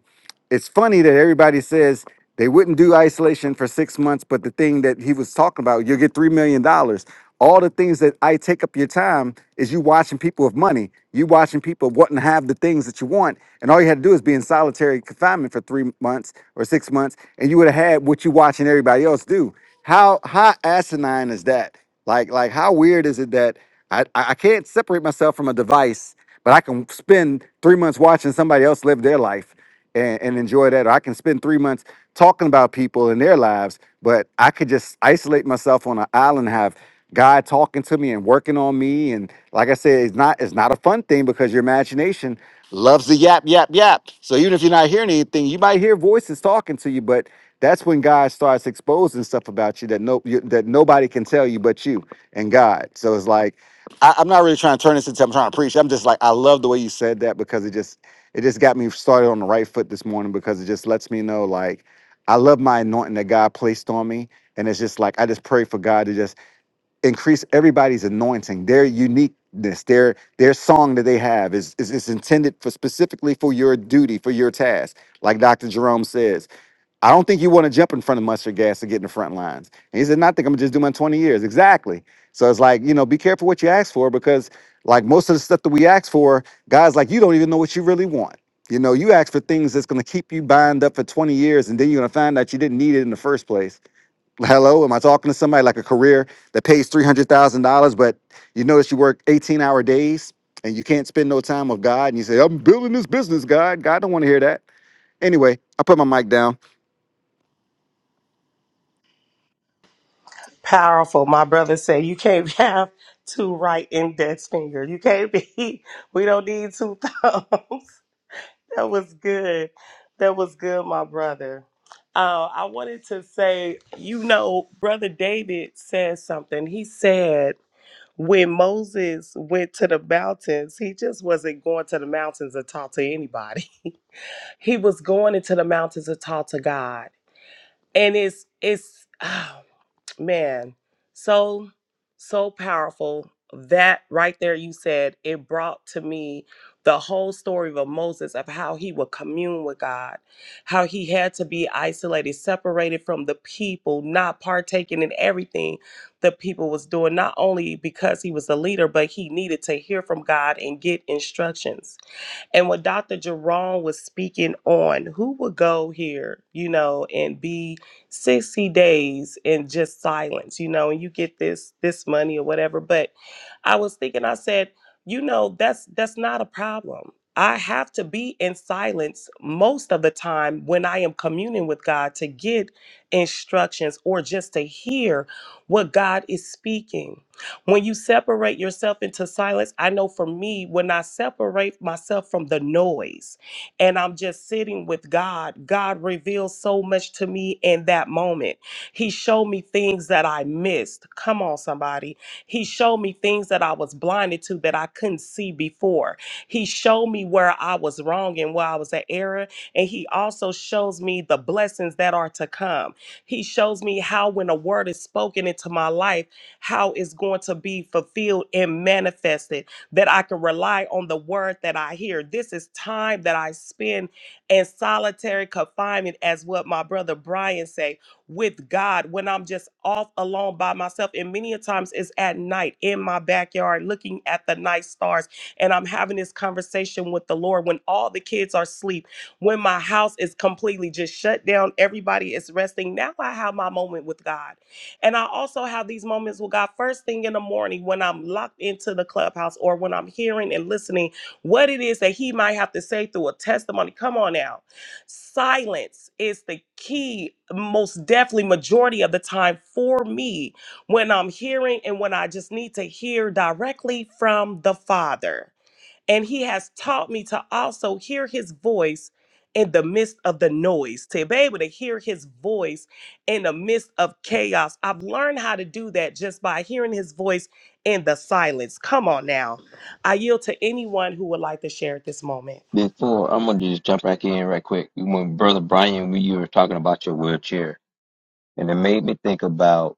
it's funny that everybody says they wouldn't do isolation for six months, but the thing that he was talking about, you'll get three million dollars. All the things that I take up your time is you watching people with money, you watching people wanting to have the things that you want, and all you had to do is be in solitary confinement for three months or six months, and you would have had what you watching everybody else do. How how asinine is that? Like like how weird is it that I I I can't separate myself from a device, but I can spend three months watching somebody else live their life and, and enjoy that. Or I can spend three months talking about people in their lives, but I could just isolate myself on an island, have God talking to me and working on me. And like I said, it's not it's not a fun thing because your imagination loves the yap, yap, yap. So even if you're not hearing anything, you might hear voices talking to you, but that's when God starts exposing stuff about you that no you, that nobody can tell you but you and God. So it's like I, I'm not really trying to turn this into I'm trying to preach. I'm just like I love the way you said that because it just it just got me started on the right foot this morning because it just lets me know like I love my anointing that God placed on me. And it's just like I just pray for God to just increase everybody's anointing, their uniqueness, their their song that they have is is, is intended for specifically for your duty, for your task, like Dr. Jerome says. I don't think you want to jump in front of mustard gas to get in the front lines. And he said, "No, I think I'm gonna just do my 20 years. Exactly. So it's like, you know, be careful what you ask for because like most of the stuff that we ask for, guys like you don't even know what you really want. You know, you ask for things that's gonna keep you bound up for 20 years and then you're gonna find out you didn't need it in the first place. Hello, am I talking to somebody like a career that pays three hundred thousand dollars, but you notice you work 18 hour days and you can't spend no time with God and you say, I'm building this business, God. God don't want to hear that. Anyway, I put my mic down.
Powerful. My brother said you can't have two right index fingers. You can't be. We don't need two thumbs. That was good. That was good, my brother. Uh, I wanted to say, you know, brother David said something. He said when Moses went to the mountains, he just wasn't going to the mountains to talk to anybody. He was going into the mountains to talk to God, and it's it's. man so so powerful that right there you said it brought to me the whole story of moses of how he would commune with god how he had to be isolated separated from the people not partaking in everything the people was doing not only because he was a leader but he needed to hear from god and get instructions and what Dr. Jerome was speaking on, who would go here, you know, and be 60 days in just silence, you know, and you get this this money or whatever. But I was thinking, I said, you know, that's that's not a problem. I have to be in silence most of the time when I am communing with God to get instructions or just to hear what God is speaking when you separate yourself into silence, I know for me, when I separate myself from the noise and I'm just sitting with God, God reveals so much to me in that moment. He showed me things that I missed. Come on, somebody. He showed me things that I was blinded to that I couldn't see before. He showed me where I was wrong and where I was at error. And He also shows me the blessings that are to come. He shows me how, when a word is spoken into my life, how it's going to be fulfilled and manifested, that I can rely on the word that I hear. This is time that I spend in solitary confinement, as what my brother Brian say, with God when I'm just off alone by myself. And many a times it's at night in my backyard looking at the night stars. And I'm having this conversation with the Lord when all the kids are asleep, when my house is completely just shut down, everybody is resting. Now I have my moment with God and I also have these moments with God first thing in the morning when I'm locked into the clubhouse or when I'm hearing and listening what it is that He might have to say through a testimony. Come on now. Silence is the key, most definitely, majority of the time for me when I'm hearing and when I just need to hear directly from the Father. And he has taught me to also hear his voice in the midst of the noise, to be able to hear his voice in the midst of chaos. I've learned how to do that just by hearing his voice in the silence. Come on now. I yield to anyone who would like to share at this moment.
Before I'm gonna just jump back in right quick. When Brother Brian, we you were talking about your wheelchair, and it made me think about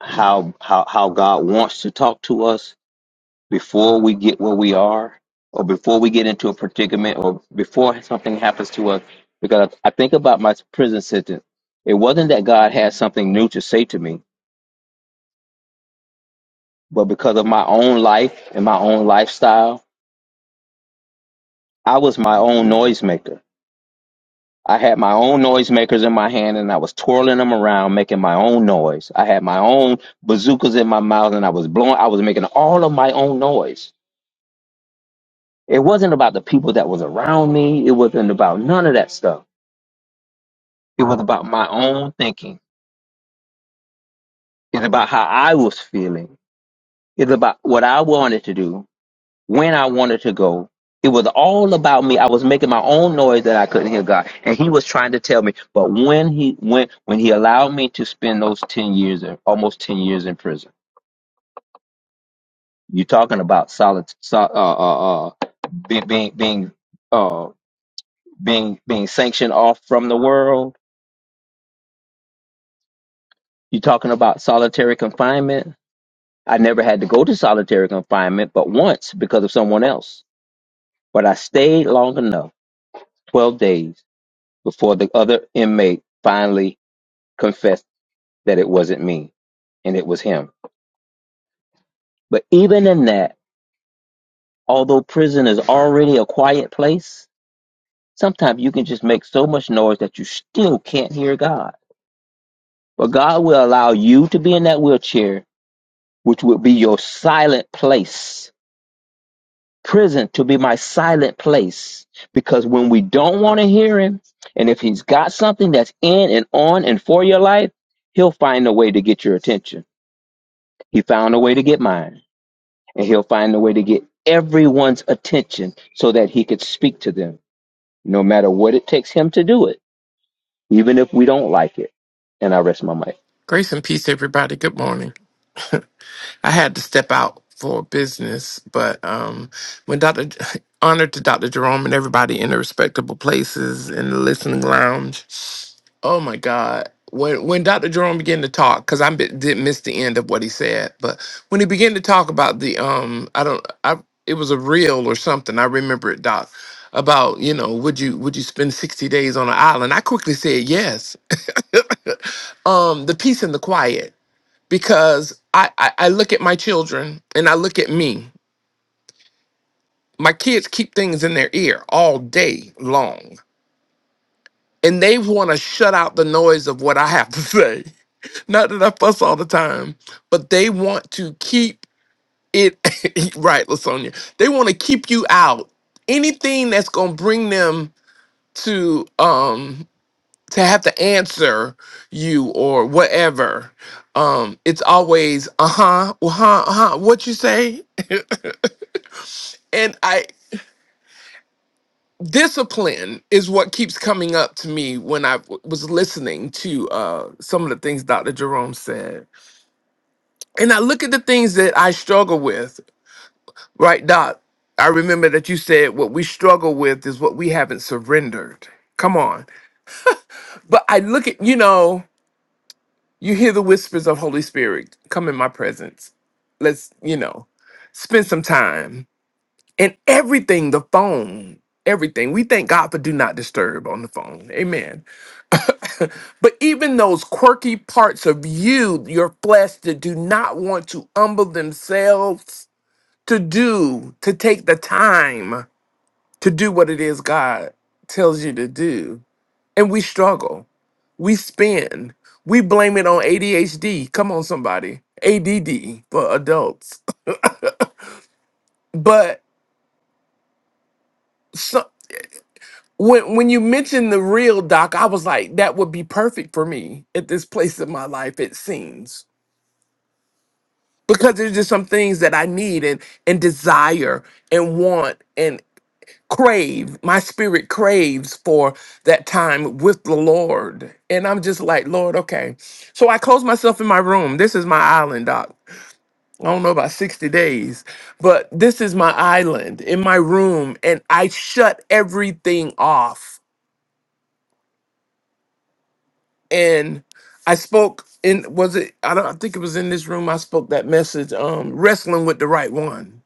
how how how God wants to talk to us before we get where we are or before we get into a predicament or before something happens to us because i think about my prison sentence it wasn't that god had something new to say to me but because of my own life and my own lifestyle i was my own noisemaker i had my own noisemakers in my hand and i was twirling them around making my own noise i had my own bazookas in my mouth and i was blowing i was making all of my own noise it wasn't about the people that was around me it wasn't about none of that stuff It was about my own thinking. It's about how I was feeling. It's about what I wanted to do, when I wanted to go. It was all about me. I was making my own noise that I couldn't hear God, and He was trying to tell me. But when He when when He allowed me to spend those ten years, or almost ten years in prison, you're talking about solid, sol- uh, uh, uh, being being being uh, being being sanctioned off from the world. You're talking about solitary confinement I never had to go to solitary confinement but once because of someone else. But I stayed long enough, 12 days, before the other inmate finally confessed that it wasn't me and it was him. But even in that, although prison is already a quiet place, sometimes you can just make so much noise that you still can't hear God. But God will allow you to be in that wheelchair, which will be your silent place prison to be my silent place because when we don't want to hear him and if he's got something that's in and on and for your life he'll find a way to get your attention he found a way to get mine and he'll find a way to get everyone's attention so that he could speak to them no matter what it takes him to do it even if we don't like it and i rest my mic
Grace and peace, everybody. Good morning. I had to step out for business, but um, when Dr. Honor to Dr. Jerome and everybody in the respectable places in the listening lounge. Oh my God. When when Dr. Jerome began to talk, because I bi- did miss the end of what he said, but when he began to talk about the um, I don't, I it was a reel or something. I remember it, Doc. About you know, would you would you spend sixty days on an island? I quickly said yes, um, the peace and the quiet because I, I I look at my children and I look at me. My kids keep things in their ear all day long, and they want to shut out the noise of what I have to say. Not that I fuss all the time, but they want to keep it right, Lasonia. They want to keep you out. Anything that's gonna bring them to um to have to answer you or whatever. Um, it's always uh huh, uh huh, uh huh. What you say? And I discipline is what keeps coming up to me when I w- was listening to uh, some of the things Dr. Jerome said, and I look at the things that I struggle with. Right, Doc. I remember that you said what we struggle with is what we haven't surrendered. Come on. But I look at you know. You hear the whispers of Holy Spirit, come in my presence. Let's, you know, spend some time. And everything, the phone, everything. We thank God for do not disturb on the phone. Amen. But even those quirky parts of you, your flesh that do not want to humble themselves to do, to take the time to do what it is God tells you to do. And we struggle. We spin. We blame it on ADHD. Come on, somebody. ADD for adults. But so, when when you mentioned the real doc, I was like, that would be perfect for me at this place in my life. It seems because there's just some things that I need and and desire and want and crave. My spirit craves for that time with the Lord, and I'm just like, Lord, okay. So I close myself in my room. This is my island, doc I don't know about 60 days, but this is my island in my room, and I shut everything off. And I spoke in was it I don't I think it was in this room I spoke that message, um, wrestling with the right one.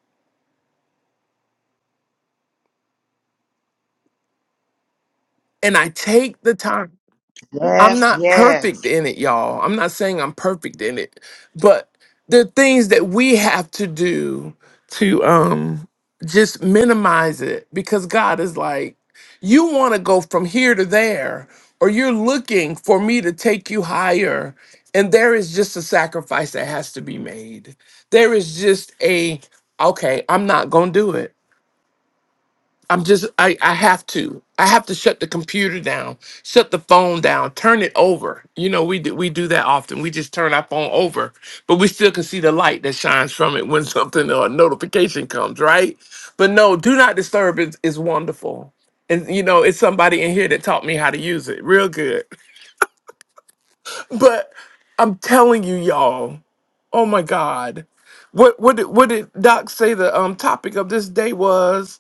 And I take the time. I'm
Yes,
not
yes.
perfect in it, y'all. I'm not saying I'm perfect in it, but there are things that we have to do to um just minimize it because God is like, you want to go from here to there, or you're looking for me to take you higher. And there is just a sacrifice that has to be made. There is just a, okay, I'm not going to do it I'm just I, I have to. I have to shut the computer down, shut the phone down, turn it over. You know, we do we do that often. We just turn our phone over, but we still can see the light that shines from it when something or a notification comes, right? But no, do not disturb is, is wonderful. And you know, it's somebody in here that taught me how to use it real good. But I'm telling you, y'all, oh my God. What what did what did Doc say the um topic of this day was?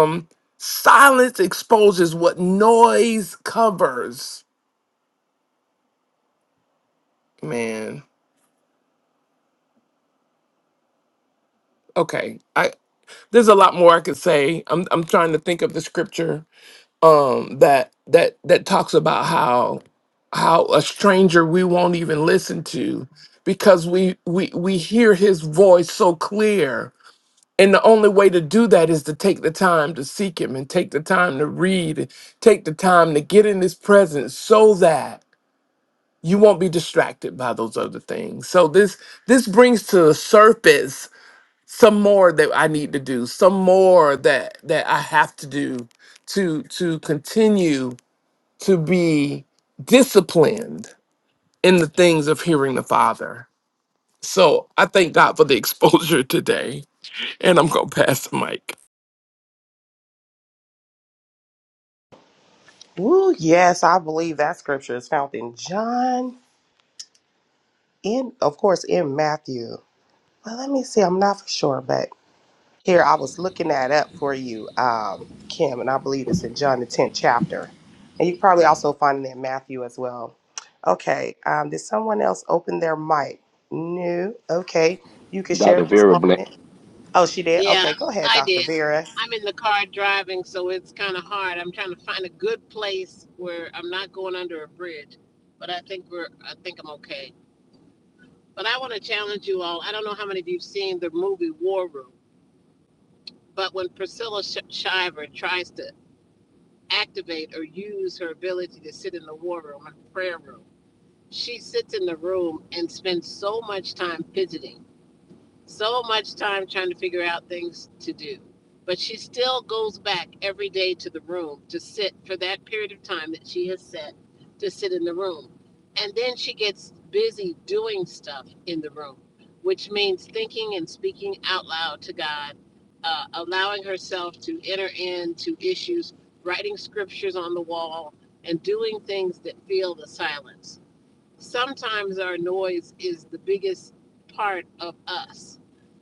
Um, silence exposes what noise covers. Man, okay. I there's a lot more I could say. I'm I'm trying to think of the scripture um that that that talks about how how a stranger we won't even listen to because we we we hear his voice so clear. And the only way to do that is to take the time to seek him and take the time to read, take the time to get in his presence so that you won't be distracted by those other things. So this this brings to the surface some more that I need to do, some more that that I have to do to to continue to be disciplined in the things of hearing the Father. So I thank God for the exposure today, and I'm gonna pass the mic.
Ooh, yes, I believe that scripture is found in John, in of course in Matthew. Well, let me see. I'm not for sure, but Here, I was looking that up for you, um, Kim, and I believe it's in John the 10th chapter. And you can probably also find it in Matthew as well. Okay, um, did someone else open their mic? No. Okay, you can share
dr
this
vera blink
moment. Oh, she did?
Yeah,
Okay, go ahead,
I
Dr.
did.
Vera.
I'm in the car driving, so it's kind of hard. I'm trying to find a good place where I'm not going under a bridge, but I think we're I think I'm okay. But I want to challenge you all. I don't know how many of you've seen the movie War Room, but when Priscilla Sh- Shiver tries to activate or use her ability to sit in the war room and prayer room. she sits in the room and spends so much time fidgeting, so much time trying to figure out things to do. But she still goes back every day to the room to sit for that period of time that she has set to sit in the room. And then she gets busy doing stuff in the room, which means thinking and speaking out loud to God, uh, allowing herself to enter into issues, writing scriptures on the wall, and doing things that fill the silence sometimes our noise is the biggest part of us.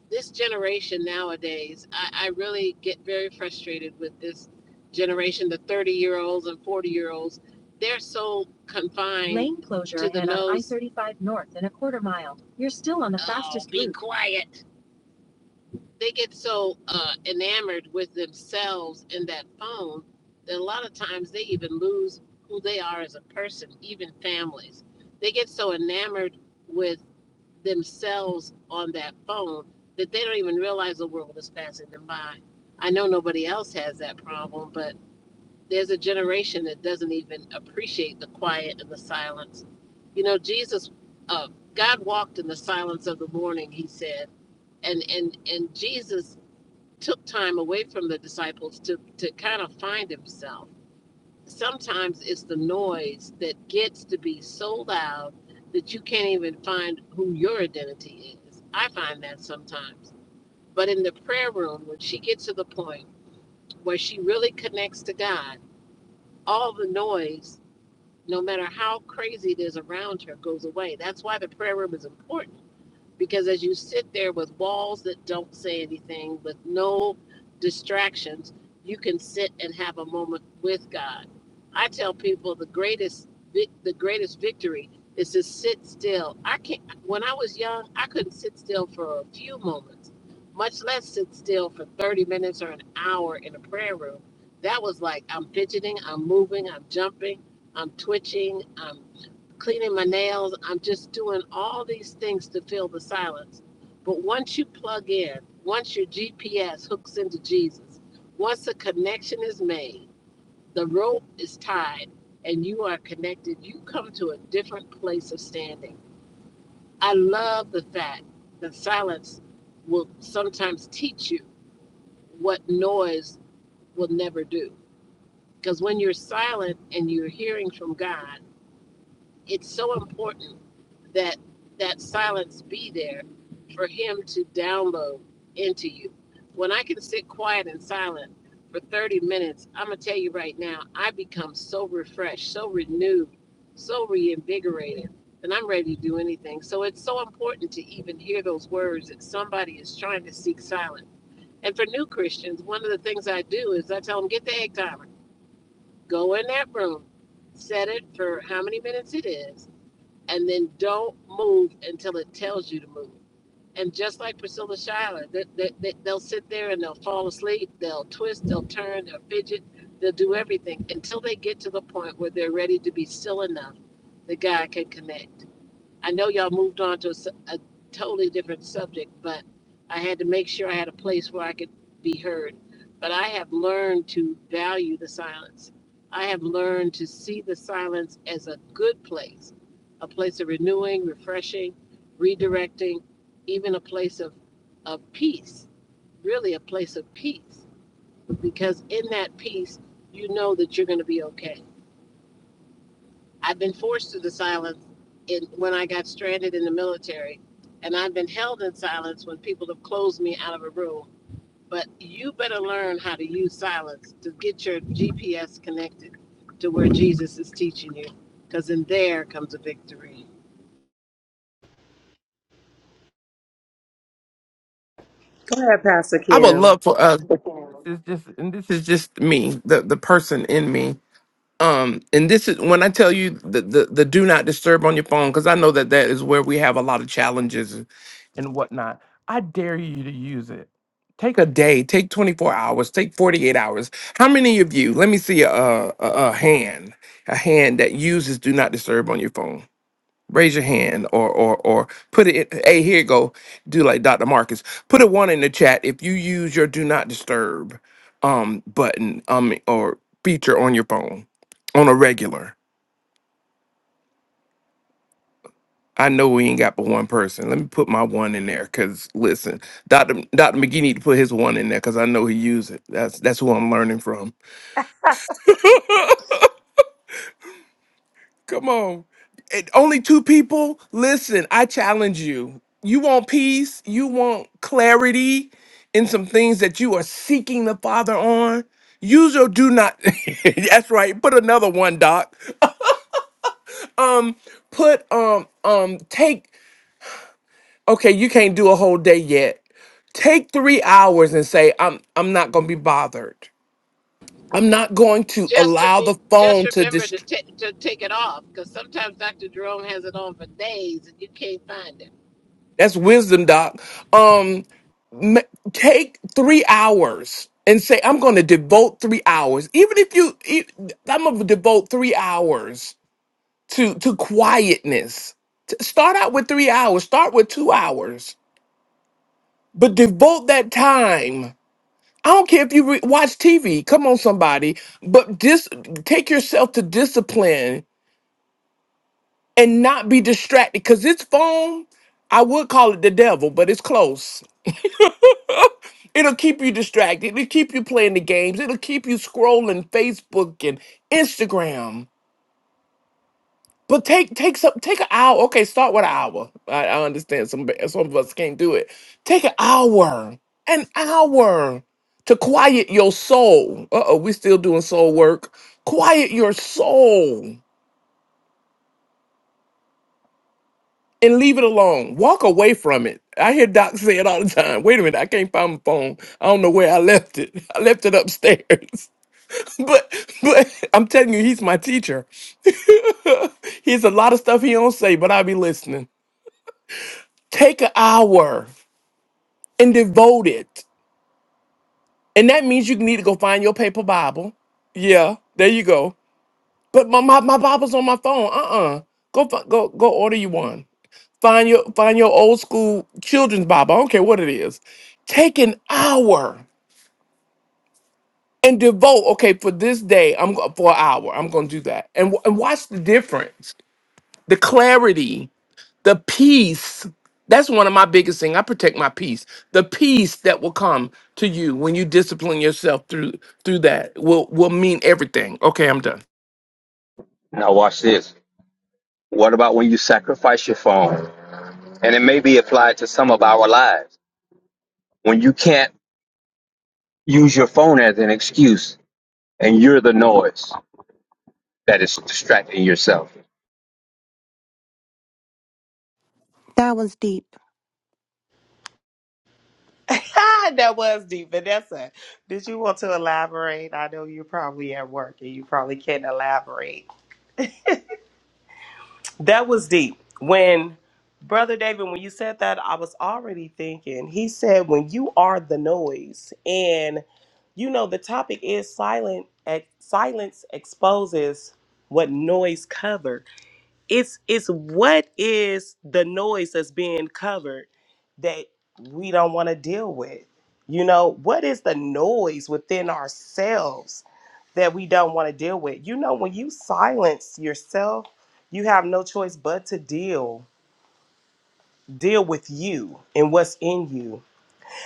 This generation nowadays, I, I really get very frustrated with this generation, the 30 year olds and 40 year olds. They're so confined. Lane closure to the and nose. I-35 north and a quarter mile. You're still on the Oh, fastest be route. Be quiet they get so uh, enamored with themselves in that phone that a lot of times they even lose who they are as a person, even families. They get so enamored with themselves on that phone that they don't even realize the world is passing them by. I know nobody else has that problem, but there's a generation that doesn't even appreciate the quiet and the silence. You know, Jesus, uh, God walked in the silence of the morning, he said. And, and, and Jesus took time away from the disciples to to kind of find himself. Sometimes it's the noise that gets to be so loud that you can't even find who your identity is. I find that sometimes. But in the prayer room, when she gets to the point where she really connects to God, all the noise, no matter how crazy it is around her, goes away. That's why the prayer room is important because as you sit there with walls that don't say anything, with no distractions, you can sit and have a moment with God. I tell people the greatest vic- the greatest victory is to sit still. I can not when I was young, I couldn't sit still for a few moments, much less sit still for 30 minutes or an hour in a prayer room. That was like I'm fidgeting, I'm moving, I'm jumping, I'm twitching, I'm cleaning my nails. I'm just doing all these things to fill the silence. But once you plug in, once your GPS hooks into Jesus, once a connection is made, the rope is tied, and you are connected, you come to a different place of standing. I love the fact that silence will sometimes teach you what noise will never do. Because when you're silent and you're hearing from God, it's so important that that silence be there for him to download into you. When I can sit quiet and silent for 30 minutes, I'm going to tell you right now, I become so refreshed, so renewed, so reinvigorated, and I'm ready to do anything. So it's so important to even hear those words that somebody is trying to seek silence. And for new Christians, one of the things I do is I tell them, get the egg timer, go in that room, set it for how many minutes it is, and then don't move until it tells you to move. And just like Priscilla Schuyler, they, they, they, they'll sit there and they'll fall asleep, they'll twist, they'll turn, they'll fidget, they'll do everything until they get to the point where they're ready to be still enough that God can connect. I know y'all moved on to a a totally different subject, but I had to make sure I had a place where I could be heard. But I have learned to value the silence. I have learned to see the silence as a good place, a place of renewing, refreshing, redirecting, even a place of, of peace, really a place of peace. Because in that peace, you know that you're going to be okay I've been forced to the silence in, when I got stranded in the military, and I've been held in silence when people have closed me out of a room. But you better learn how to use silence to get your GPS connected to where Jesus is teaching you, because in there comes a victory.
Go ahead, Pastor
I would
Kim.
love for us. It's just, and this is just me, the the person in me. um and this is when i tell you the the, the do not disturb on your phone because i know that that is where we have a lot of challenges and and whatnot i dare you to use it take a day take 24 hours take 48 hours how many of you let me see a a, a a hand a hand that uses do not disturb on your phone raise your hand or or or put it in, hey here you go do like dr marcus put a one in the chat if you use your do not disturb um button um or feature on your phone on a regular i know we ain't got but one person let me put my one in there because listen dr dr mcgee need to put his one in there because i know he use it that's that's who i'm learning from Come on. It, only two people? Listen, I challenge you. You want peace, you want clarity in some things that you are seeking the Father on. Use your do not that's right. Put another one, Doc. Put um um take okay, you can't do a whole day yet. Take three hours and say, I'm I'm not gonna be bothered. I'm not going to
Just to
allow the
be, just
phone to
remember to,
dist-
ta- to take it off, because sometimes Dr. Jerome has it on for days and you can't find it.
that's wisdom, Doc. Um m- take three hours and say i'm going to devote three hours even if you e- i'm going to devote three hours to to quietness T- start out with three hours start with two hours but devote that time i don't care if you re- watch tv come on somebody but dis- take yourself to discipline and not be distracted because this phone i would call it the devil but it's close It'll keep you distracted. It'll keep you playing the games. It'll keep you scrolling Facebook and Instagram. But take take some take an hour. Okay, start with an hour. I, I understand some some of us can't do it. Take an hour, an hour to quiet your soul. Uh oh, we still doing soul work. Quiet your soul and leave it alone. Walk away from it. I hear Doc say it all the time. Wait a minute, I can't find my phone. I don't know where I left it. I left it upstairs. But but I'm telling you, he's my teacher. he's a lot of stuff he don't say, but I'll be listening. Take an hour and devote it. And that means you need to go find your paper Bible. Yeah, there you go. But my my, my Bible's on my phone. Uh-uh. Go fi- go go order you one. Find your find your old school children's Bible. I don't care what it is. Take an hour and devote. Okay, for this day, I'm go- for an hour. I'm gonna do that. And, w- and watch the difference, the clarity. the peace that's one of my biggest things i protect my peace the peace that will come to you when you discipline yourself through through that will will mean everything okay i'm done
now watch this what about when you sacrifice your phone and it may be applied to some of our lives when you can't use your phone as an excuse and you're the noise that is distracting yourself.
That was deep.
that was deep. Vanessa, did you want to elaborate? I know you're probably at work and you probably can't elaborate. That was deep. When Brother David, when you said that, I was already thinking. He said, when you are the noise, and you know the topic is silent. Ex- silence exposes what noise covers it's it's what is the noise that's being covered that we don't want to deal with you know what is the noise within ourselves that we don't want to deal with you know when you silence yourself you have no choice but to deal deal with you and what's in you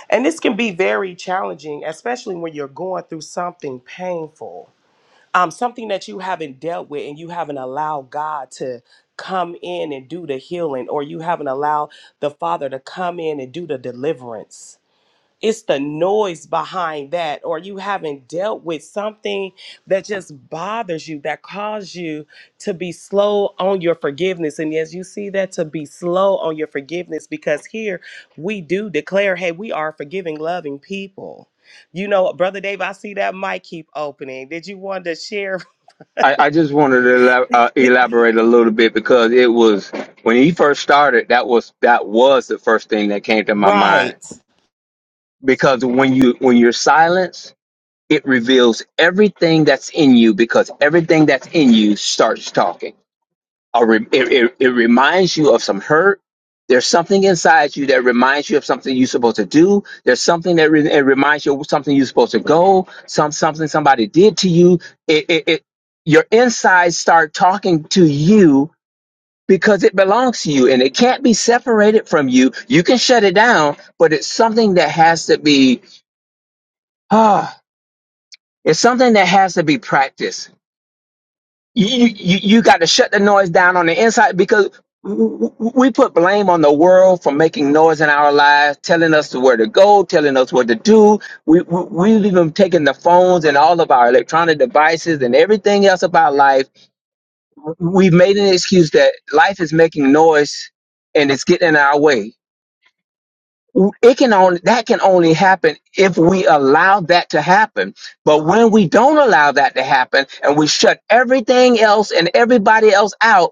and this can be very challenging especially when you're going through something painful um, something that you haven't dealt with and you haven't allowed God to come in and do the healing, or you haven't allowed the Father to come in and do the deliverance. It's the noise behind that, or you haven't dealt with something that just bothers you, that caused you to be slow on your forgiveness. And as you see that, to be slow on your forgiveness, because here we do declare, hey, we are forgiving, loving people. You know, Brother Dave, I see that mic keep opening. Did you want to share
I, I just wanted to elab- uh, elaborate a little bit because it was when he first started that was that was the first thing that came to my mind
Right.
because when you when you're silenced it reveals everything that's in you because everything that's in you starts talking a re- it, it, it reminds you of some hurt. There's something inside you that reminds you of something you're supposed to do. There's something that re- it reminds you of something you're supposed to go. Some something somebody did to you. It, it, it your insides start talking to you because it belongs to you and it can't be separated from you. You can shut it down, but it's something that has to be ah, it's something that has to be practiced you you you got to shut the noise down on the inside because w- w- we put blame on the world for making noise in our lives, telling us where to go, telling us what to do. We we- we've even taken the phones and all of our electronic devices and everything else about life. We've made an excuse that life is making noise and it's getting in our way. It can only that can only happen if we allow that to happen. But when we don't allow that to happen and we shut everything else and everybody else out,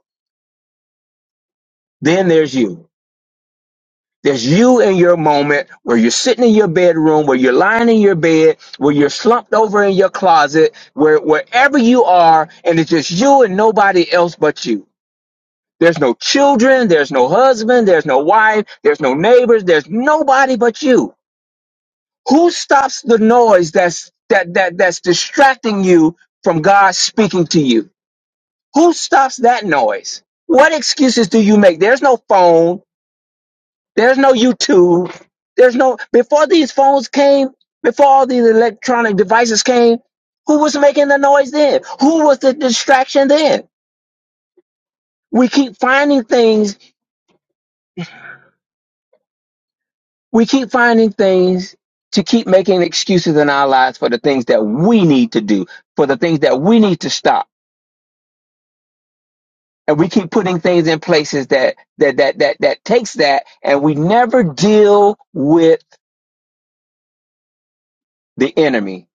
Then there's you. There's you in your moment where you're sitting in your bedroom, where you're lying in your bed, where you're slumped over in your closet, where wherever you are, and it's just you and nobody else but you. There's no children, there's no husband, there's no wife, there's no neighbors, there's nobody but you. Who stops the noise that's that that that's distracting you from God speaking to you? Who stops that noise? What excuses do you make? There's no phone. There's no YouTube. There's no before these phones came, before all these electronic devices came, who was making the noise then? Who was the distraction then? We keep finding things, we keep finding things to keep making excuses in our lives for the things that we need to do, for the things that we need to stop. And we keep putting things in places that that that that that takes that and we never deal with the enemy.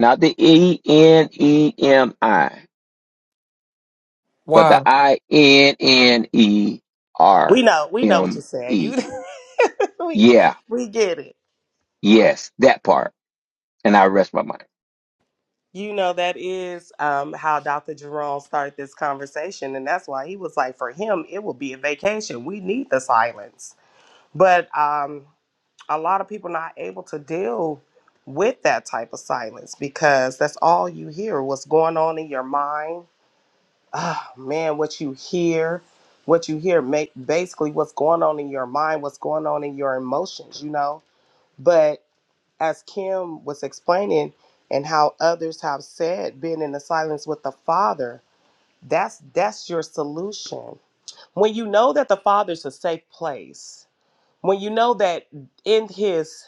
Not the E N E M I but the
Why,
I N N E
We
R
know. We know what
M
you're saying.
E.
You, we,
Yeah,
we get it.
yes, that part. And I rest my mind.
You know that is um, how Dr. Jerome started this conversation, and that's why he was like, for him, it will be a vacation. We need the silence, but um, a lot of people not able to deal with that type of silence because that's all you hear. What's going on in your mind? Oh man, what you hear, what you hear, make basically what's going on in your mind, what's going on in your emotions. You know, But as Kim was explaining, and how others have said, being in the silence with the Father, that's that's your solution. When you know that the Father's a safe place, when you know that in His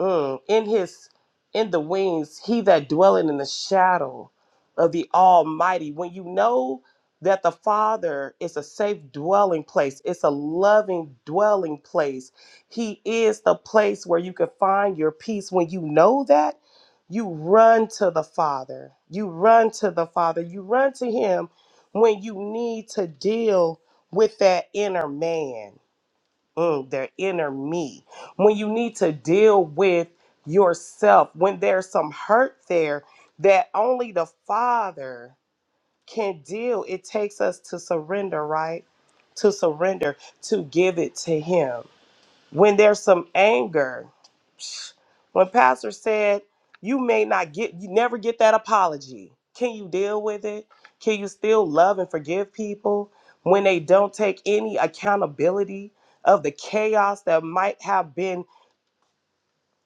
Mm, in his in the wings, he that dwelleth in the shadow of the Almighty. When you know that the Father is a safe dwelling place, it's a loving dwelling place. He is the place where you can find your peace. When you know that, you run to the Father. You run to the Father. You run to Him when you need to deal with that inner man mm, their inner me, when you need to deal with yourself, when there's some hurt there that only the Father can deal, it takes us to surrender, right? To surrender, to give it to Him when there's some anger when pastor said you may not get you never get that apology can you deal with it can you still love and forgive people when they don't take any accountability of the chaos that might have been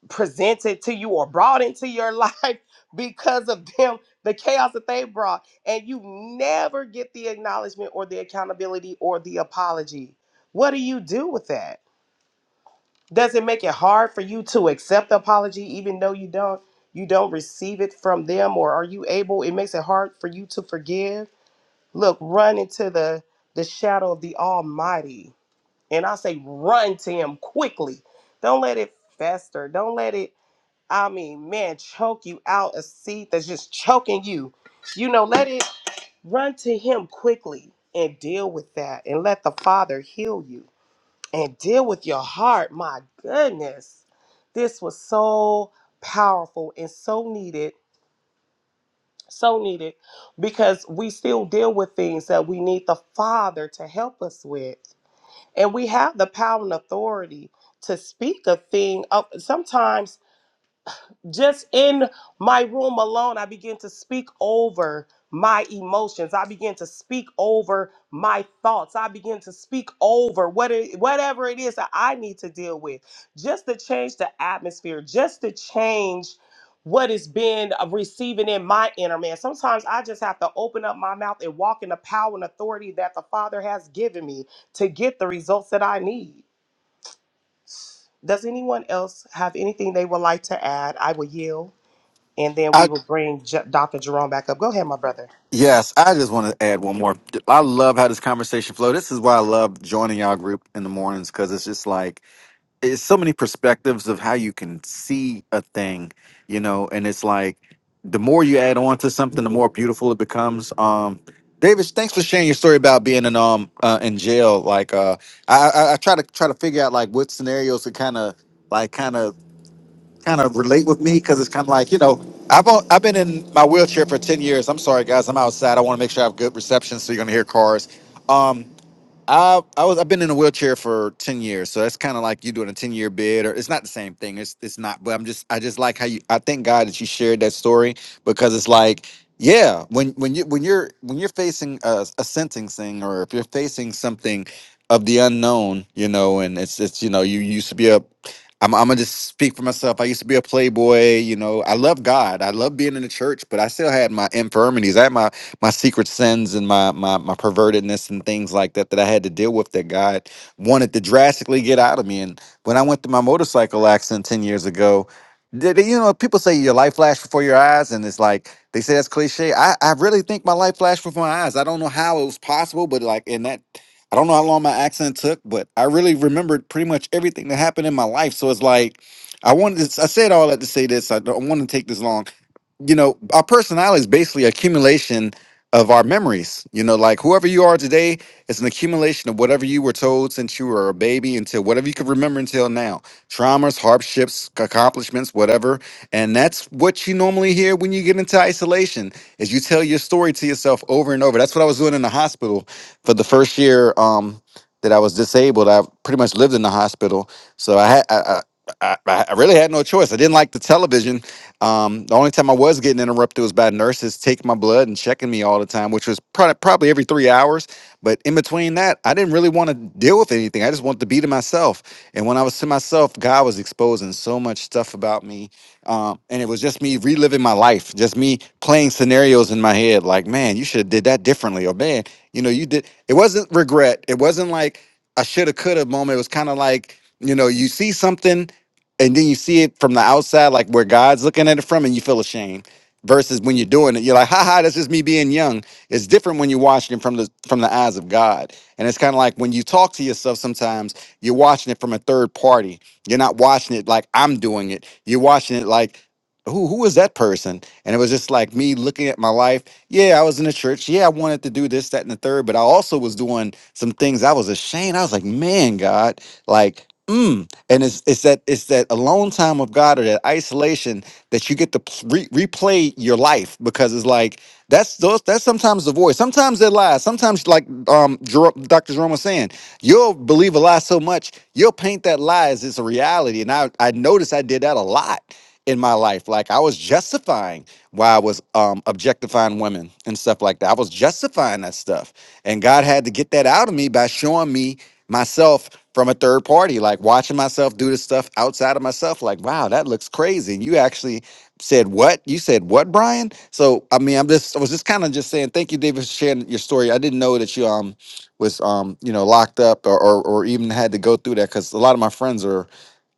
presented to you or brought into your life because of them the chaos that they brought and you never get the acknowledgement or the accountability or the apology what do you do with that does it make it hard for you to accept the apology even though you don't you don't receive it from them or are you able it makes it hard for you to forgive? Look, run into the the shadow of the Almighty. And I say run to him quickly. Don't let it fester. Don't let it I mean, man, choke you out a seat that's just choking you. You know, let it run to him quickly and deal with that and let the Father heal you and deal with your heart. My goodness, this was so powerful and so needed, so needed because we still deal with things that we need the Father to help us with, and we have the power and authority to speak a thing. Of sometimes just in my room alone, I begin to speak over my emotions. I begin to speak over my thoughts. I begin to speak over what it, whatever it is that I need to deal with, just to change the atmosphere, just to change what is being uh, receiving in my inner man. Sometimes I just have to open up my mouth and walk in the power and authority that the Father has given me to get the results that I need. Does anyone else have anything they would like to add? I will yield and then we will bring J- Dr. Jerome back up. Go ahead, my brother.
Yes, I just want to add one more. I love how this conversation flow. This is why I love joining y'all group in the mornings because it's just like it's so many perspectives of how you can see a thing, you know. And it's like the more you add on to something, the more beautiful it becomes. Um, David, thanks for sharing your story about being in um uh, in jail. Like, uh, I, I I try to try to figure out like what scenarios to kind of like kind of kind of relate with me because it's kind of like you know I've o- I've been in my wheelchair for ten years. I'm sorry guys, I'm outside. I want to make sure I have good reception, so you're gonna hear cars. Um, I I was I've been in a wheelchair for ten years, so that's kind of like you doing a ten year bid, or it's not the same thing. It's it's not, but I'm just I just like how you. I thank God that you shared that story because it's like yeah, when when you when you're when you're facing a, a sentencing or if you're facing something of the unknown, you know, and it's it's you know you used to be a. I'm, I'm gonna just speak for myself. I used to be a playboy, you know. I love God. I love being in the church, but I still had my infirmities. I had my my secret sins and my my my pervertedness and things like that that I had to deal with that God wanted to drastically get out of me. And when I went through my motorcycle accident ten years ago, did, you know people say your life flashed before your eyes, and it's like they say that's cliche. I I really think my life flashed before my eyes. I don't know how it was possible, but like in that. I don't know how long my accident took, but I really remembered pretty much everything that happened in my life. So it's like I wanted to, I said all that to say this. I don't want to take this long you know, our personality is basically accumulation of our memories. You know, like whoever you are today is an accumulation of whatever you were told since you were a baby until whatever you can remember until now. Traumas, hardships, accomplishments, whatever. And that's what you normally hear when you get into isolation is you tell your story to yourself over and over. That's what I was doing in the hospital for the first year um that I was disabled. I pretty much lived in the hospital. So I had I, I I, I really had no choice. I didn't like the television um, the only time I was getting interrupted was by nurses taking my blood and checking me all the time, which was probably probably every three hours. But in between that, I didn't really want to deal with anything. I just wanted to be to myself. And when I was to myself, God was exposing so much stuff about me, um, and it was just me reliving my life, just me playing scenarios in my head. Like, man, you should have did that differently, or man, you know, you did. It wasn't regret. It wasn't like I should have, could have moment. It was kind of like you know, you see something and then you see it from the outside, like where God's looking at it from, and you feel ashamed. Versus when you're doing it, you're like, "Ha ha, that's just me being young." It's different when you're watching it from the from the eyes of God, and it's kind of like when you talk to yourself. Sometimes you're watching it from a third party. You're not watching it like I'm doing it. You're watching it like, "Who who is that person?" And it was just like me looking at my life. Yeah, I was in the church. Yeah, I wanted to do this, that, and the third, but I also was doing some things I was ashamed. I was like, "Man, God, like." mm and it's it's that it's that alone time of God or that isolation that you get to pl- re- replay your life because it's like that's those that's sometimes the voice. Sometimes they lie. Sometimes like um Jer- Dr. Jerome was saying, you'll believe a lie so much you'll paint that lie as it's a reality. And I I noticed I did that a lot in my life. Like I was justifying why I was um objectifying women and stuff like that. I was justifying that stuff, and God had to get that out of me by showing me myself from a third party, like watching myself do the stuff outside of myself, like, wow, that looks crazy. And you actually said what? You said what, Brian? So I mean, I'm just I was just kind of just saying, thank you, David, for sharing your story. I didn't know that you um was um, you know, locked up or or, or even had to go through that because a lot of my friends are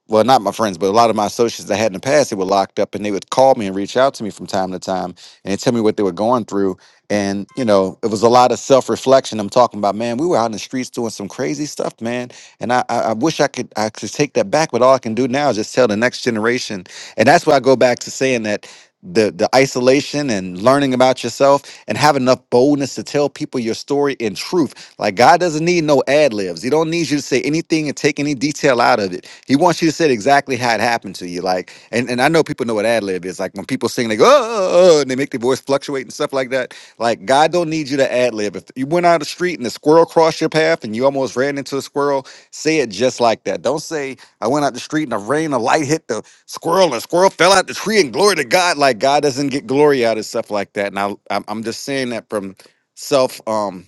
well, not my friends, but a lot of my associates I had in the past, they were locked up and they would call me and reach out to me from time to time and tell me what they were going through. And, you know, it was a lot of self reflection. I'm talking about, man, we were out in the streets doing some crazy stuff, man. And I, I, I wish I could, I could take that back, but all I can do now is just tell the next generation. And that's why I go back to saying that the the isolation and learning about yourself and have enough boldness to tell people your story in truth. Like God doesn't need no ad libs. He don't need you to say anything and take any detail out of it. He wants you to say exactly how it happened to you. Like and, and I know people know what ad lib is. Like when people sing they go oh, and they make their voice fluctuate and stuff like that. Like God don't need you to ad lib. If you went out the street and a squirrel crossed your path and you almost ran into a squirrel, say it just like that. Don't say I went out the street and the rain, a light hit the squirrel and squirrel fell out the tree and glory to God. Like God doesn't get glory out of stuff like that. And I, I'm I'm just saying that from self. Um,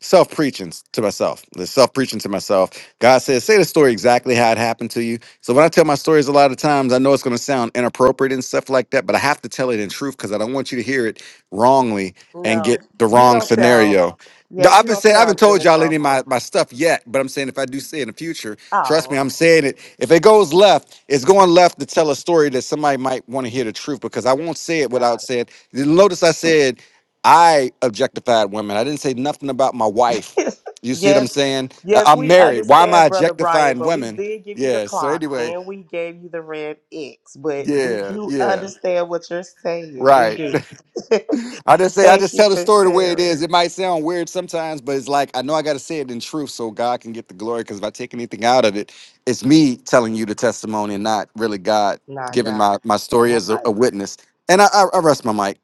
self preaching to myself. The self preaching to myself. God says, say the story exactly how it happened to you. So when I tell my stories, a lot of times I know it's going to sound inappropriate and stuff like that, but I have to tell it in truth because I don't want you to hear it wrongly and
No,
get the
you
wrong
don't sound.
scenario.
Yeah,
No, I've
you
been
don't
saying I haven't
sound
told y'all any of my,
inappropriate.
my stuff yet, but I'm saying if I do say it in the future, trust
Oh,
me, I'm
okay,
saying it. If it goes left, it's going left to tell a story that somebody might want to hear the truth because I won't say it without
got
saying. Notice I said I objectified women. I didn't say nothing about my wife.
it.
You see what I'm
yes,
saying? I-
yes,
I'm
we
married. Why am I
understand, brother Brian,
objectifying
but we
women?
did give you the
Yeah. So
clock
anyway,
and we gave you the red X, but we
yeah,
do
yeah,
understand what you're saying. We
right.
do.
I just say I
Thank
just
you
tell the
for
story the way it
sharing.
is. It might sound weird sometimes, but it's like I know I got to say it in truth so God can get the glory. Because if I take anything out of it, it's me telling you the testimony and not really God
Not
giving
God.
my my story as a,
Right.
a witness. And I, I, I rest my mic.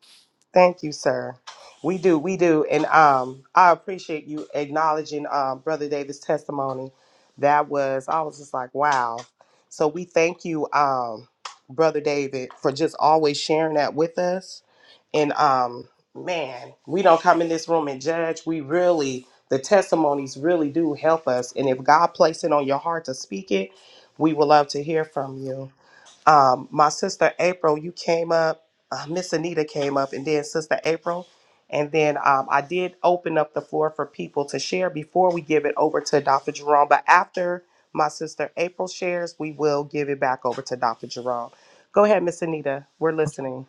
Thank you, sir. We do, we do, and um, I appreciate you acknowledging um, Brother Davis' testimony. That was, I was just like, wow. So we thank you, um, Brother David, for just always sharing that with us. And um, man, we don't come in this room and judge. We really, the testimonies really do help us. And if God placed it on your heart to speak it, we would love to hear from you um, my sister April, you came up, uh, Miss Anita came up, and then Sister April. And then um, I did open up the floor for people to share before we give it over to Dr. Jerome. But after my sister April shares, we will give it back over to Dr. Jerome. Go ahead, Miss Anita. We're listening.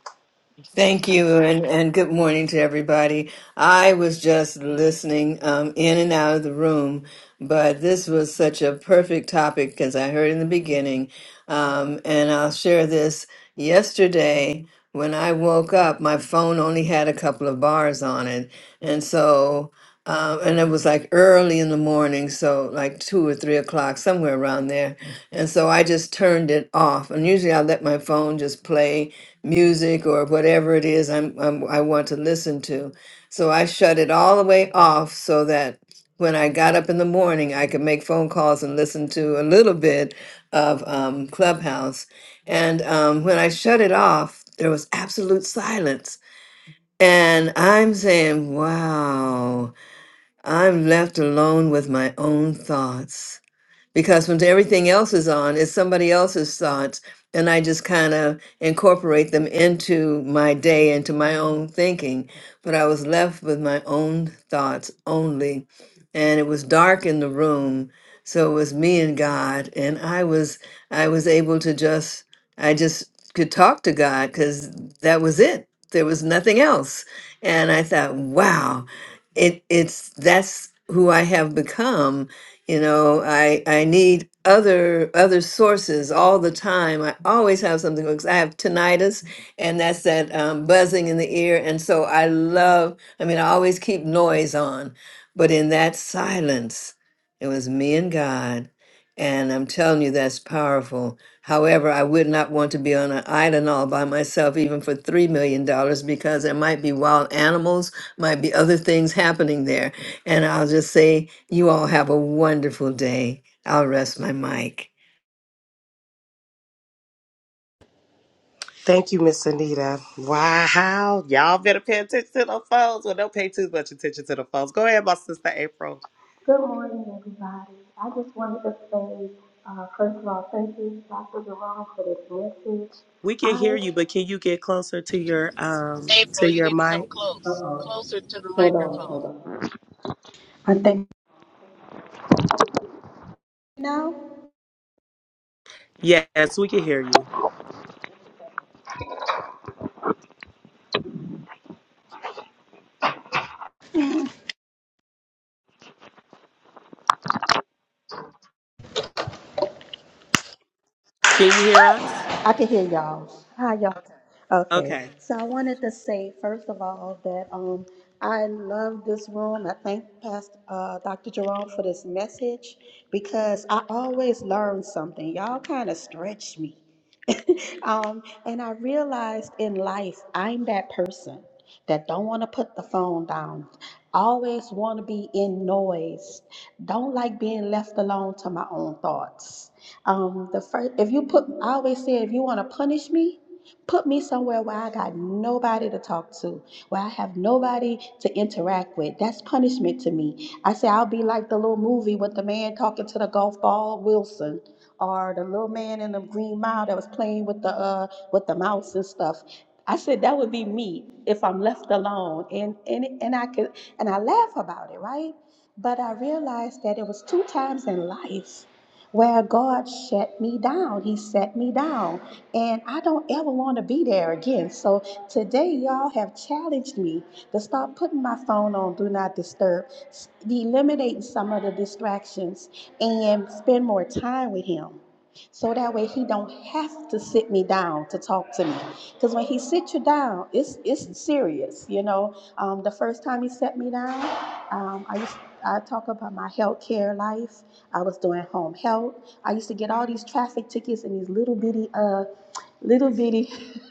Thank you, and, and good morning to everybody. I was just listening um, in and out of the room, but this was such a perfect topic because I heard in the beginning. Um, and I'll share this. Yesterday, when I woke up, my phone only had a couple of bars on it. And so, um, and it was like early in the morning, so like two or three o'clock, somewhere around there. And so I just turned it off. And usually I let my phone just play music or whatever it is I'm, I'm I want to listen to. So I shut it all the way off so that when I got up in the morning, I could make phone calls and listen to a little bit of um, Clubhouse. And um, when I shut it off, there was absolute silence. And I'm saying, wow, I'm left alone with my own thoughts because when everything else is on, it's somebody else's thoughts. And I just kind of incorporate them into my day, into my own thinking. But I was left with my own thoughts only. And it was dark in the room. So it was me and God. And I was, I was able to just, I just could talk to God because that was it. There was nothing else. And I thought, wow, it, it's, that's who I have become you know i i need other other sources all the time i always have something because i have tinnitus and that's that um, buzzing in the ear and so i love i mean i always keep noise on but in that silence it was me and god and i'm telling you that's powerful however i would not want to be on an island all by myself even for three million dollars because there might be wild animals might be other things happening there and I'll just say, you all have a wonderful day. I'll rest my mic.
Thank you, Miss Anita. Wow, y'all better pay attention to the phones. Well, don't pay too much attention to the phones. Go ahead, my sister April.
Good morning, everybody. I just wanted to say, uh, first of all, thank you, Dr. Jerome, for this message.
We can hear
I,
you, but can you get closer to your um to
April, you
your
need to
mic?
come close,
uh-oh,
closer to the
hold on,
microphone.
hold on. I think now.
Yes, we can hear you. Can you hear us?
I can hear y'all. Hi, y'all. Okay.
Okay.
So I wanted to say, first of all, that um, I love this room. I thank Pastor uh, Dr. Jerome for this message because I always learn something. Y'all kind of stretch me. um, and I realized in life, I'm that person that don't want to put the phone down. Always want to be in noise. Don't like being left alone to my own thoughts. Um, the first, if you put, I always say, if you want to punish me, put me somewhere where I got nobody to talk to, where I have nobody to interact with. That's punishment to me. I say I'll be like the little movie with the man talking to the golf ball, Wilson, or the little man in the Green Mile that was playing with the uh with the mouse and stuff. I said that would be me if I'm left alone, and and and I could and I laugh about it, right? But I realized that it was two times in life where God shut me down. He set me down. And I don't ever want to be there again. So today, y'all have challenged me to stop putting my phone on, do not disturb, eliminating some of the distractions, and spend more time with Him. So that way he don't have to sit me down to talk to me, because when he sits you down, it's it's serious. You know, um, the first time he set me down, um, I used I talk about my healthcare life, I was doing home health. I used to get all these traffic tickets in these little bitty, uh, little bitty,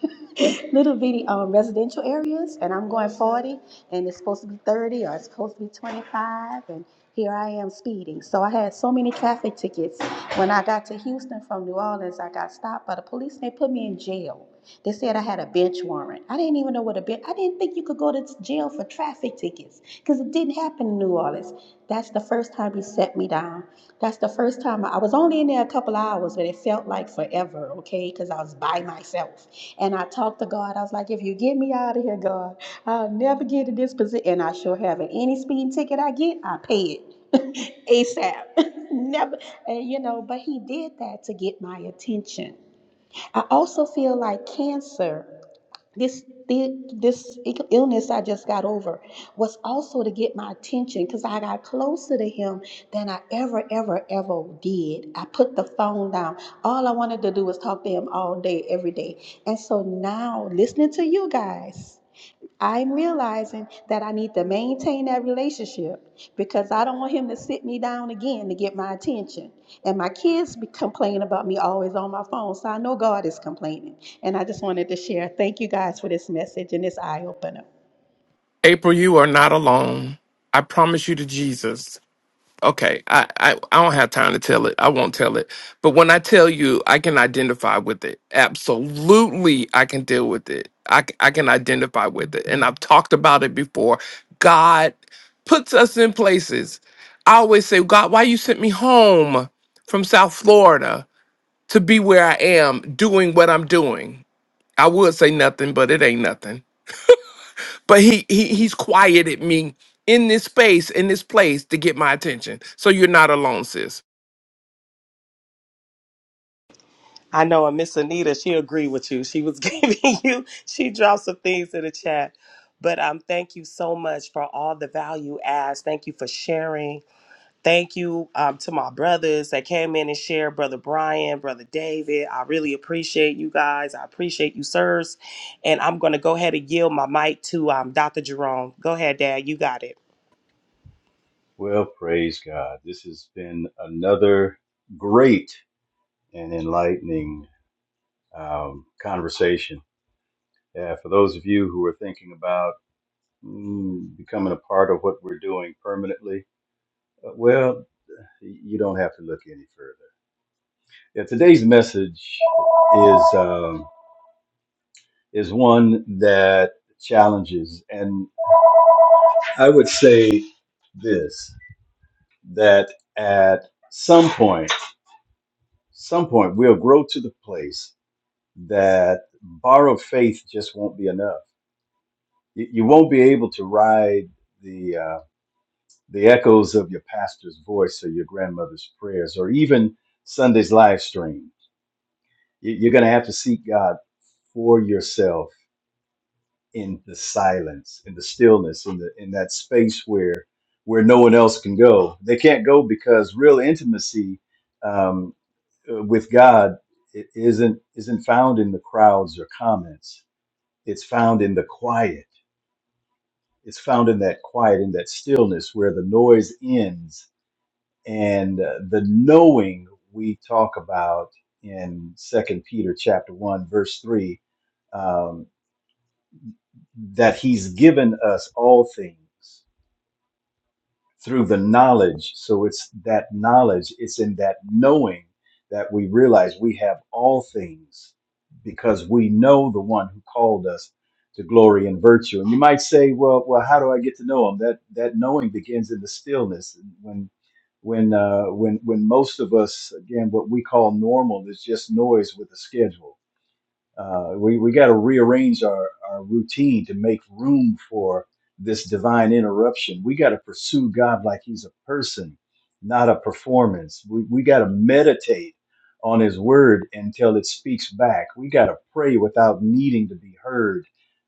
little bitty um, residential areas. And I'm going 40, and it's supposed to be 30, or it's supposed to be 25, and here I am speeding. So I had so many traffic tickets. When I got to Houston from New Orleans, I got stopped by the police, and they put me in jail. They said I had a bench warrant. I didn't even know what a bench. I didn't think you could go to jail for traffic tickets because it didn't happen in New Orleans. That's the first time he set me down. That's the first time I, I was only in there a couple of hours, but it felt like forever. Okay, because I was by myself and I talked to God. I was like, if you get me out of here, God, I'll never get in this position. And I sure haven't. Any speeding ticket I get, I pay it. ASAP. Never, and you know, but he did that to get my attention. I also feel like cancer, this thi- this illness I just got over, was also to get my attention because I got closer to him than I ever, ever, ever did. I put the phone down. All I wanted to do was talk to him all day, every day. And so now, listening to you guys. I'm realizing that I need to maintain that relationship because I don't want him to sit me down again to get my attention. And my kids be complaining about me always on my phone, so I know God is complaining. And I just wanted to share. Thank you guys for this message and this eye opener.
april you are not alone i promise you to jesus Okay, I, I I don't have time to tell it. I won't tell it. But when I tell you, I can identify with it. Absolutely, I can deal with it. I c- I can identify with it, and I've talked about it before. God puts us in places. I always say, God, why you sent me home from South Florida to be where I am, doing what I'm doing? I would say nothing, but it ain't nothing. But he, he he's quieted me in this space, in this place, to get my attention. So you're not alone, sis.
I know, and Miss Anita, she agreed with you. She was giving you, she dropped some things in the chat. But um, thank you so much for all the value adds. Thank you for sharing. Thank you um, to my brothers that came in and shared, Brother Brian, Brother David. I really appreciate you guys. I appreciate you, sirs. And I'm going to go ahead and yield my mic to um, Dr. Jerome. Go ahead, Dad. You got it.
Well, praise God. This has been another great and enlightening um, conversation. Yeah, for those of you who are thinking about mm, becoming a part of what we're doing permanently, uh, well, you don't have to look any further. Yeah, today's message is um, is one that challenges I would say this that at some point, some point, we'll grow to the place that borrowed faith just won't be enough. You, you won't be able to ride the uh, the echoes of your pastor's voice or your grandmother's prayers or even Sunday's live stream. You, you're going to have to seek God for yourself in the silence, in the stillness, in the in that space where where no one else can go. They can't go because real intimacy um, uh, with God i- isn't isn't found in the crowds or comments. It's found in the quiet. It's found in that quiet, in that stillness where the noise ends and uh, the knowing we talk about in Second Peter chapter one verse three um, that He's given us all things through the knowledge. So it's that knowledge, it's in that knowing that we realize we have all things because we know the one who called us to glory and virtue. And you might say, well, well, how do I get to know him? That that knowing begins in the stillness when when uh, when when most of us again what we call normal is just noise with a schedule uh, we we got to rearrange our, our routine to make room for this divine interruption. We got to pursue God like He's a person, not a performance. We, we got to meditate on His word until it speaks back. We got to pray without needing to be heard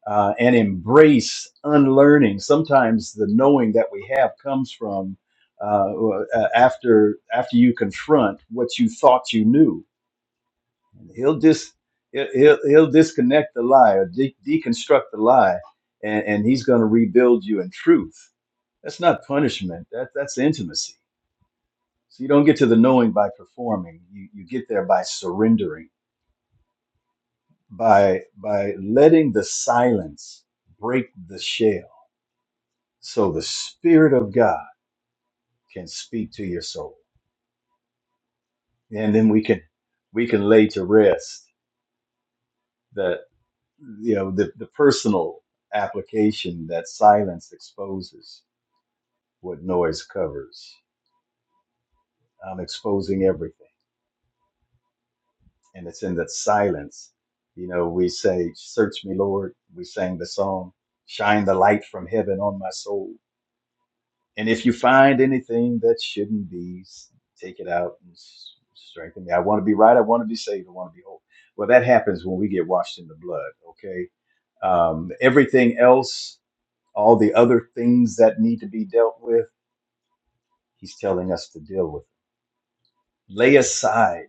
uh, and embrace unlearning. Sometimes the knowing that we have comes from uh, uh, after after you confront what you thought you knew he'll just he'll he'll he'll disconnect the lie or de- deconstruct the lie and and he's going to rebuild you in truth that's not punishment that that's intimacy so you don't get to the knowing by performing you you get there by surrendering by by letting the silence break the shell so the spirit of god can speak to your soul and then we can we can lay to rest you know the, the personal application that silence exposes what noise covers i'm exposing everything and it's in that silence you know we say search me lord we sang the song shine the light from heaven on my soul and if you find anything that shouldn't be s- take it out and s- strengthen me i want to be right i want to be saved i want to be whole well that happens when we get washed in the blood okay um, everything else all the other things that need to be dealt with, he's telling us to deal with. it. Lay aside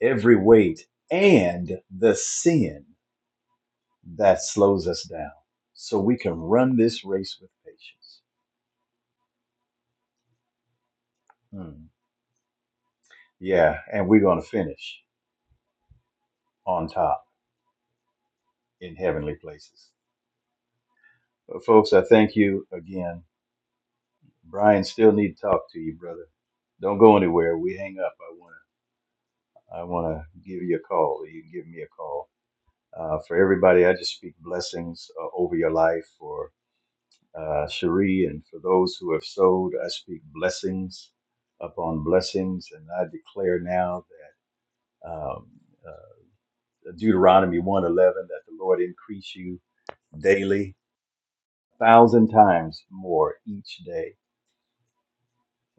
every weight and the sin that slows us down so we can run this race with patience. Hmm. Yeah, and we're going to finish on top in heavenly places. But folks, I thank you again. Brian, still need to talk to you, brother. Don't go anywhere. We hang up. I want to I want to give you a call. You can give me a call Uh, for everybody, I just speak blessings uh, over your life. For uh, Cherie and for those who have sowed, I speak blessings upon blessings. And I declare now that um, uh, Deuteronomy one eleven that the Lord increase you daily, a thousand times more each day.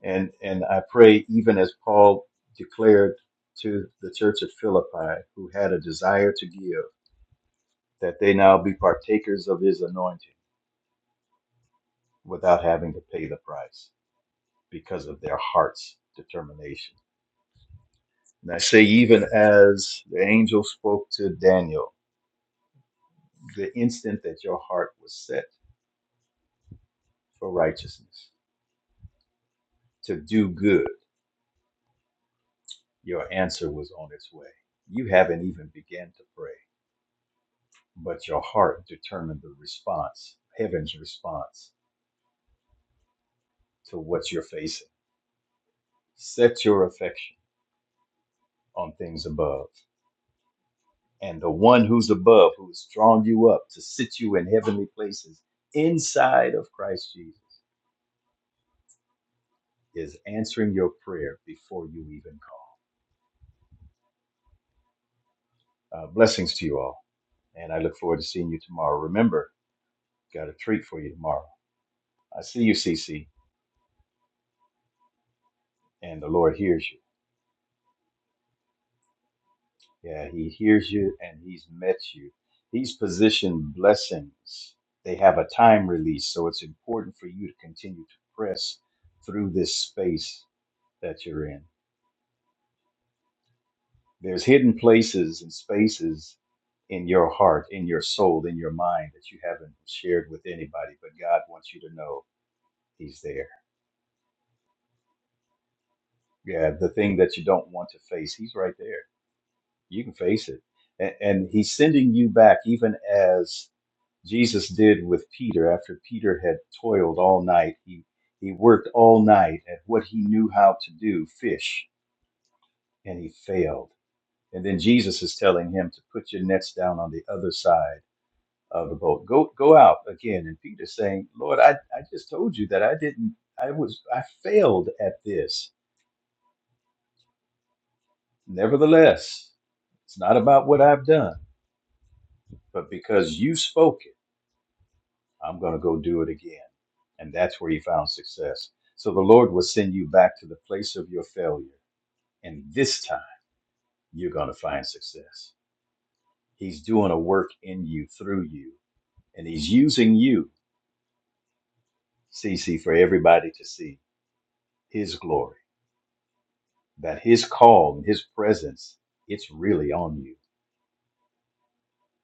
And and I pray even as Paul declared to the church of Philippi, who had a desire to give, that they now be partakers of his anointing without having to pay the price because of their heart's determination. And I say, even as the angel spoke to Daniel, the instant that your heart was set for righteousness, to do good, your answer was on its way. You haven't even began to pray, but your heart determined the response, heaven's response to what you're facing. Set your affection on things above and the one who's above, who has drawn you up to sit you in heavenly places inside of Christ Jesus, is answering your prayer before you even call. Uh, blessings to you all, and I look forward to seeing you tomorrow. Remember, got a treat for you tomorrow. I see you, CC, and the Lord hears you. Yeah, He hears you, and He's met you. He's positioned blessings. They have a time release, so it's important for you to continue to press through this space that you're in There's hidden places and spaces in your heart, in your soul, in your mind that you haven't shared with anybody, but God wants you to know He's there. Yeah, the thing that you don't want to face, He's right there. You can face it. And, and He's sending you back, even as Jesus did with Peter after Peter had toiled all night. He, he worked all night at what he knew how to do fish, and he failed. And then Jesus is telling him to put your nets down on the other side of the boat. Go go out again. And Peter's saying, Lord, I, I just told you that I didn't I was I failed at this. Nevertheless, it's not about what I've done, but because you spoke it, I'm gonna go do it again. And that's where he found success. So the Lord will send you back to the place of your failure. And this time you're gonna find success. He's doing a work in you, through you, and he's using you, CC, for everybody to see his glory that his call and his presence it's really on you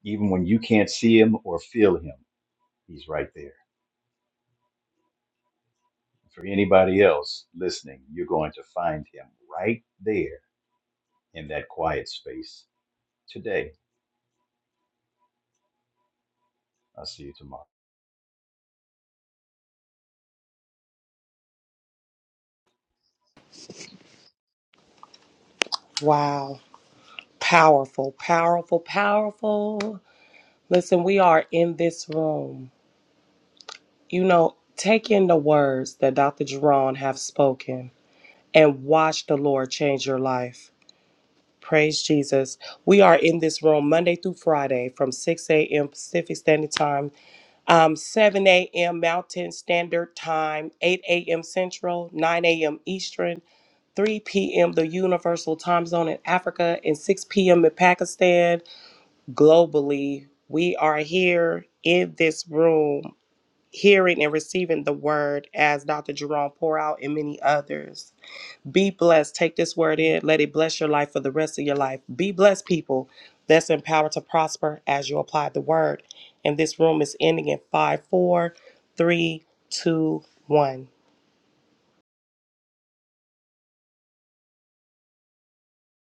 even when you can't see him or feel him he's right there for anybody else listening you're going to find him right there in that quiet space today i'll see you tomorrow
Wow. Powerful, powerful, powerful. Listen, we are in this room. You know, take in the words that Dr. Jerron have spoken and watch the Lord change your life. Praise Jesus. We are in this room Monday through Friday from 6 a.m. Pacific Standard Time um, 7 a.m. Mountain Standard Time, 8 a.m. Central, 9 a.m. Eastern, 3 p.m. the Universal Time Zone in Africa, and 6 p.m. in Pakistan. Globally, we are here in this room, hearing and receiving the word as Dr. Jerome pour out and many others. Be blessed. Take this word in. Let it bless your life for the rest of your life. Be blessed, people. That's empowered to prosper as you apply the word. And this room is ending in five, four, three, two, one.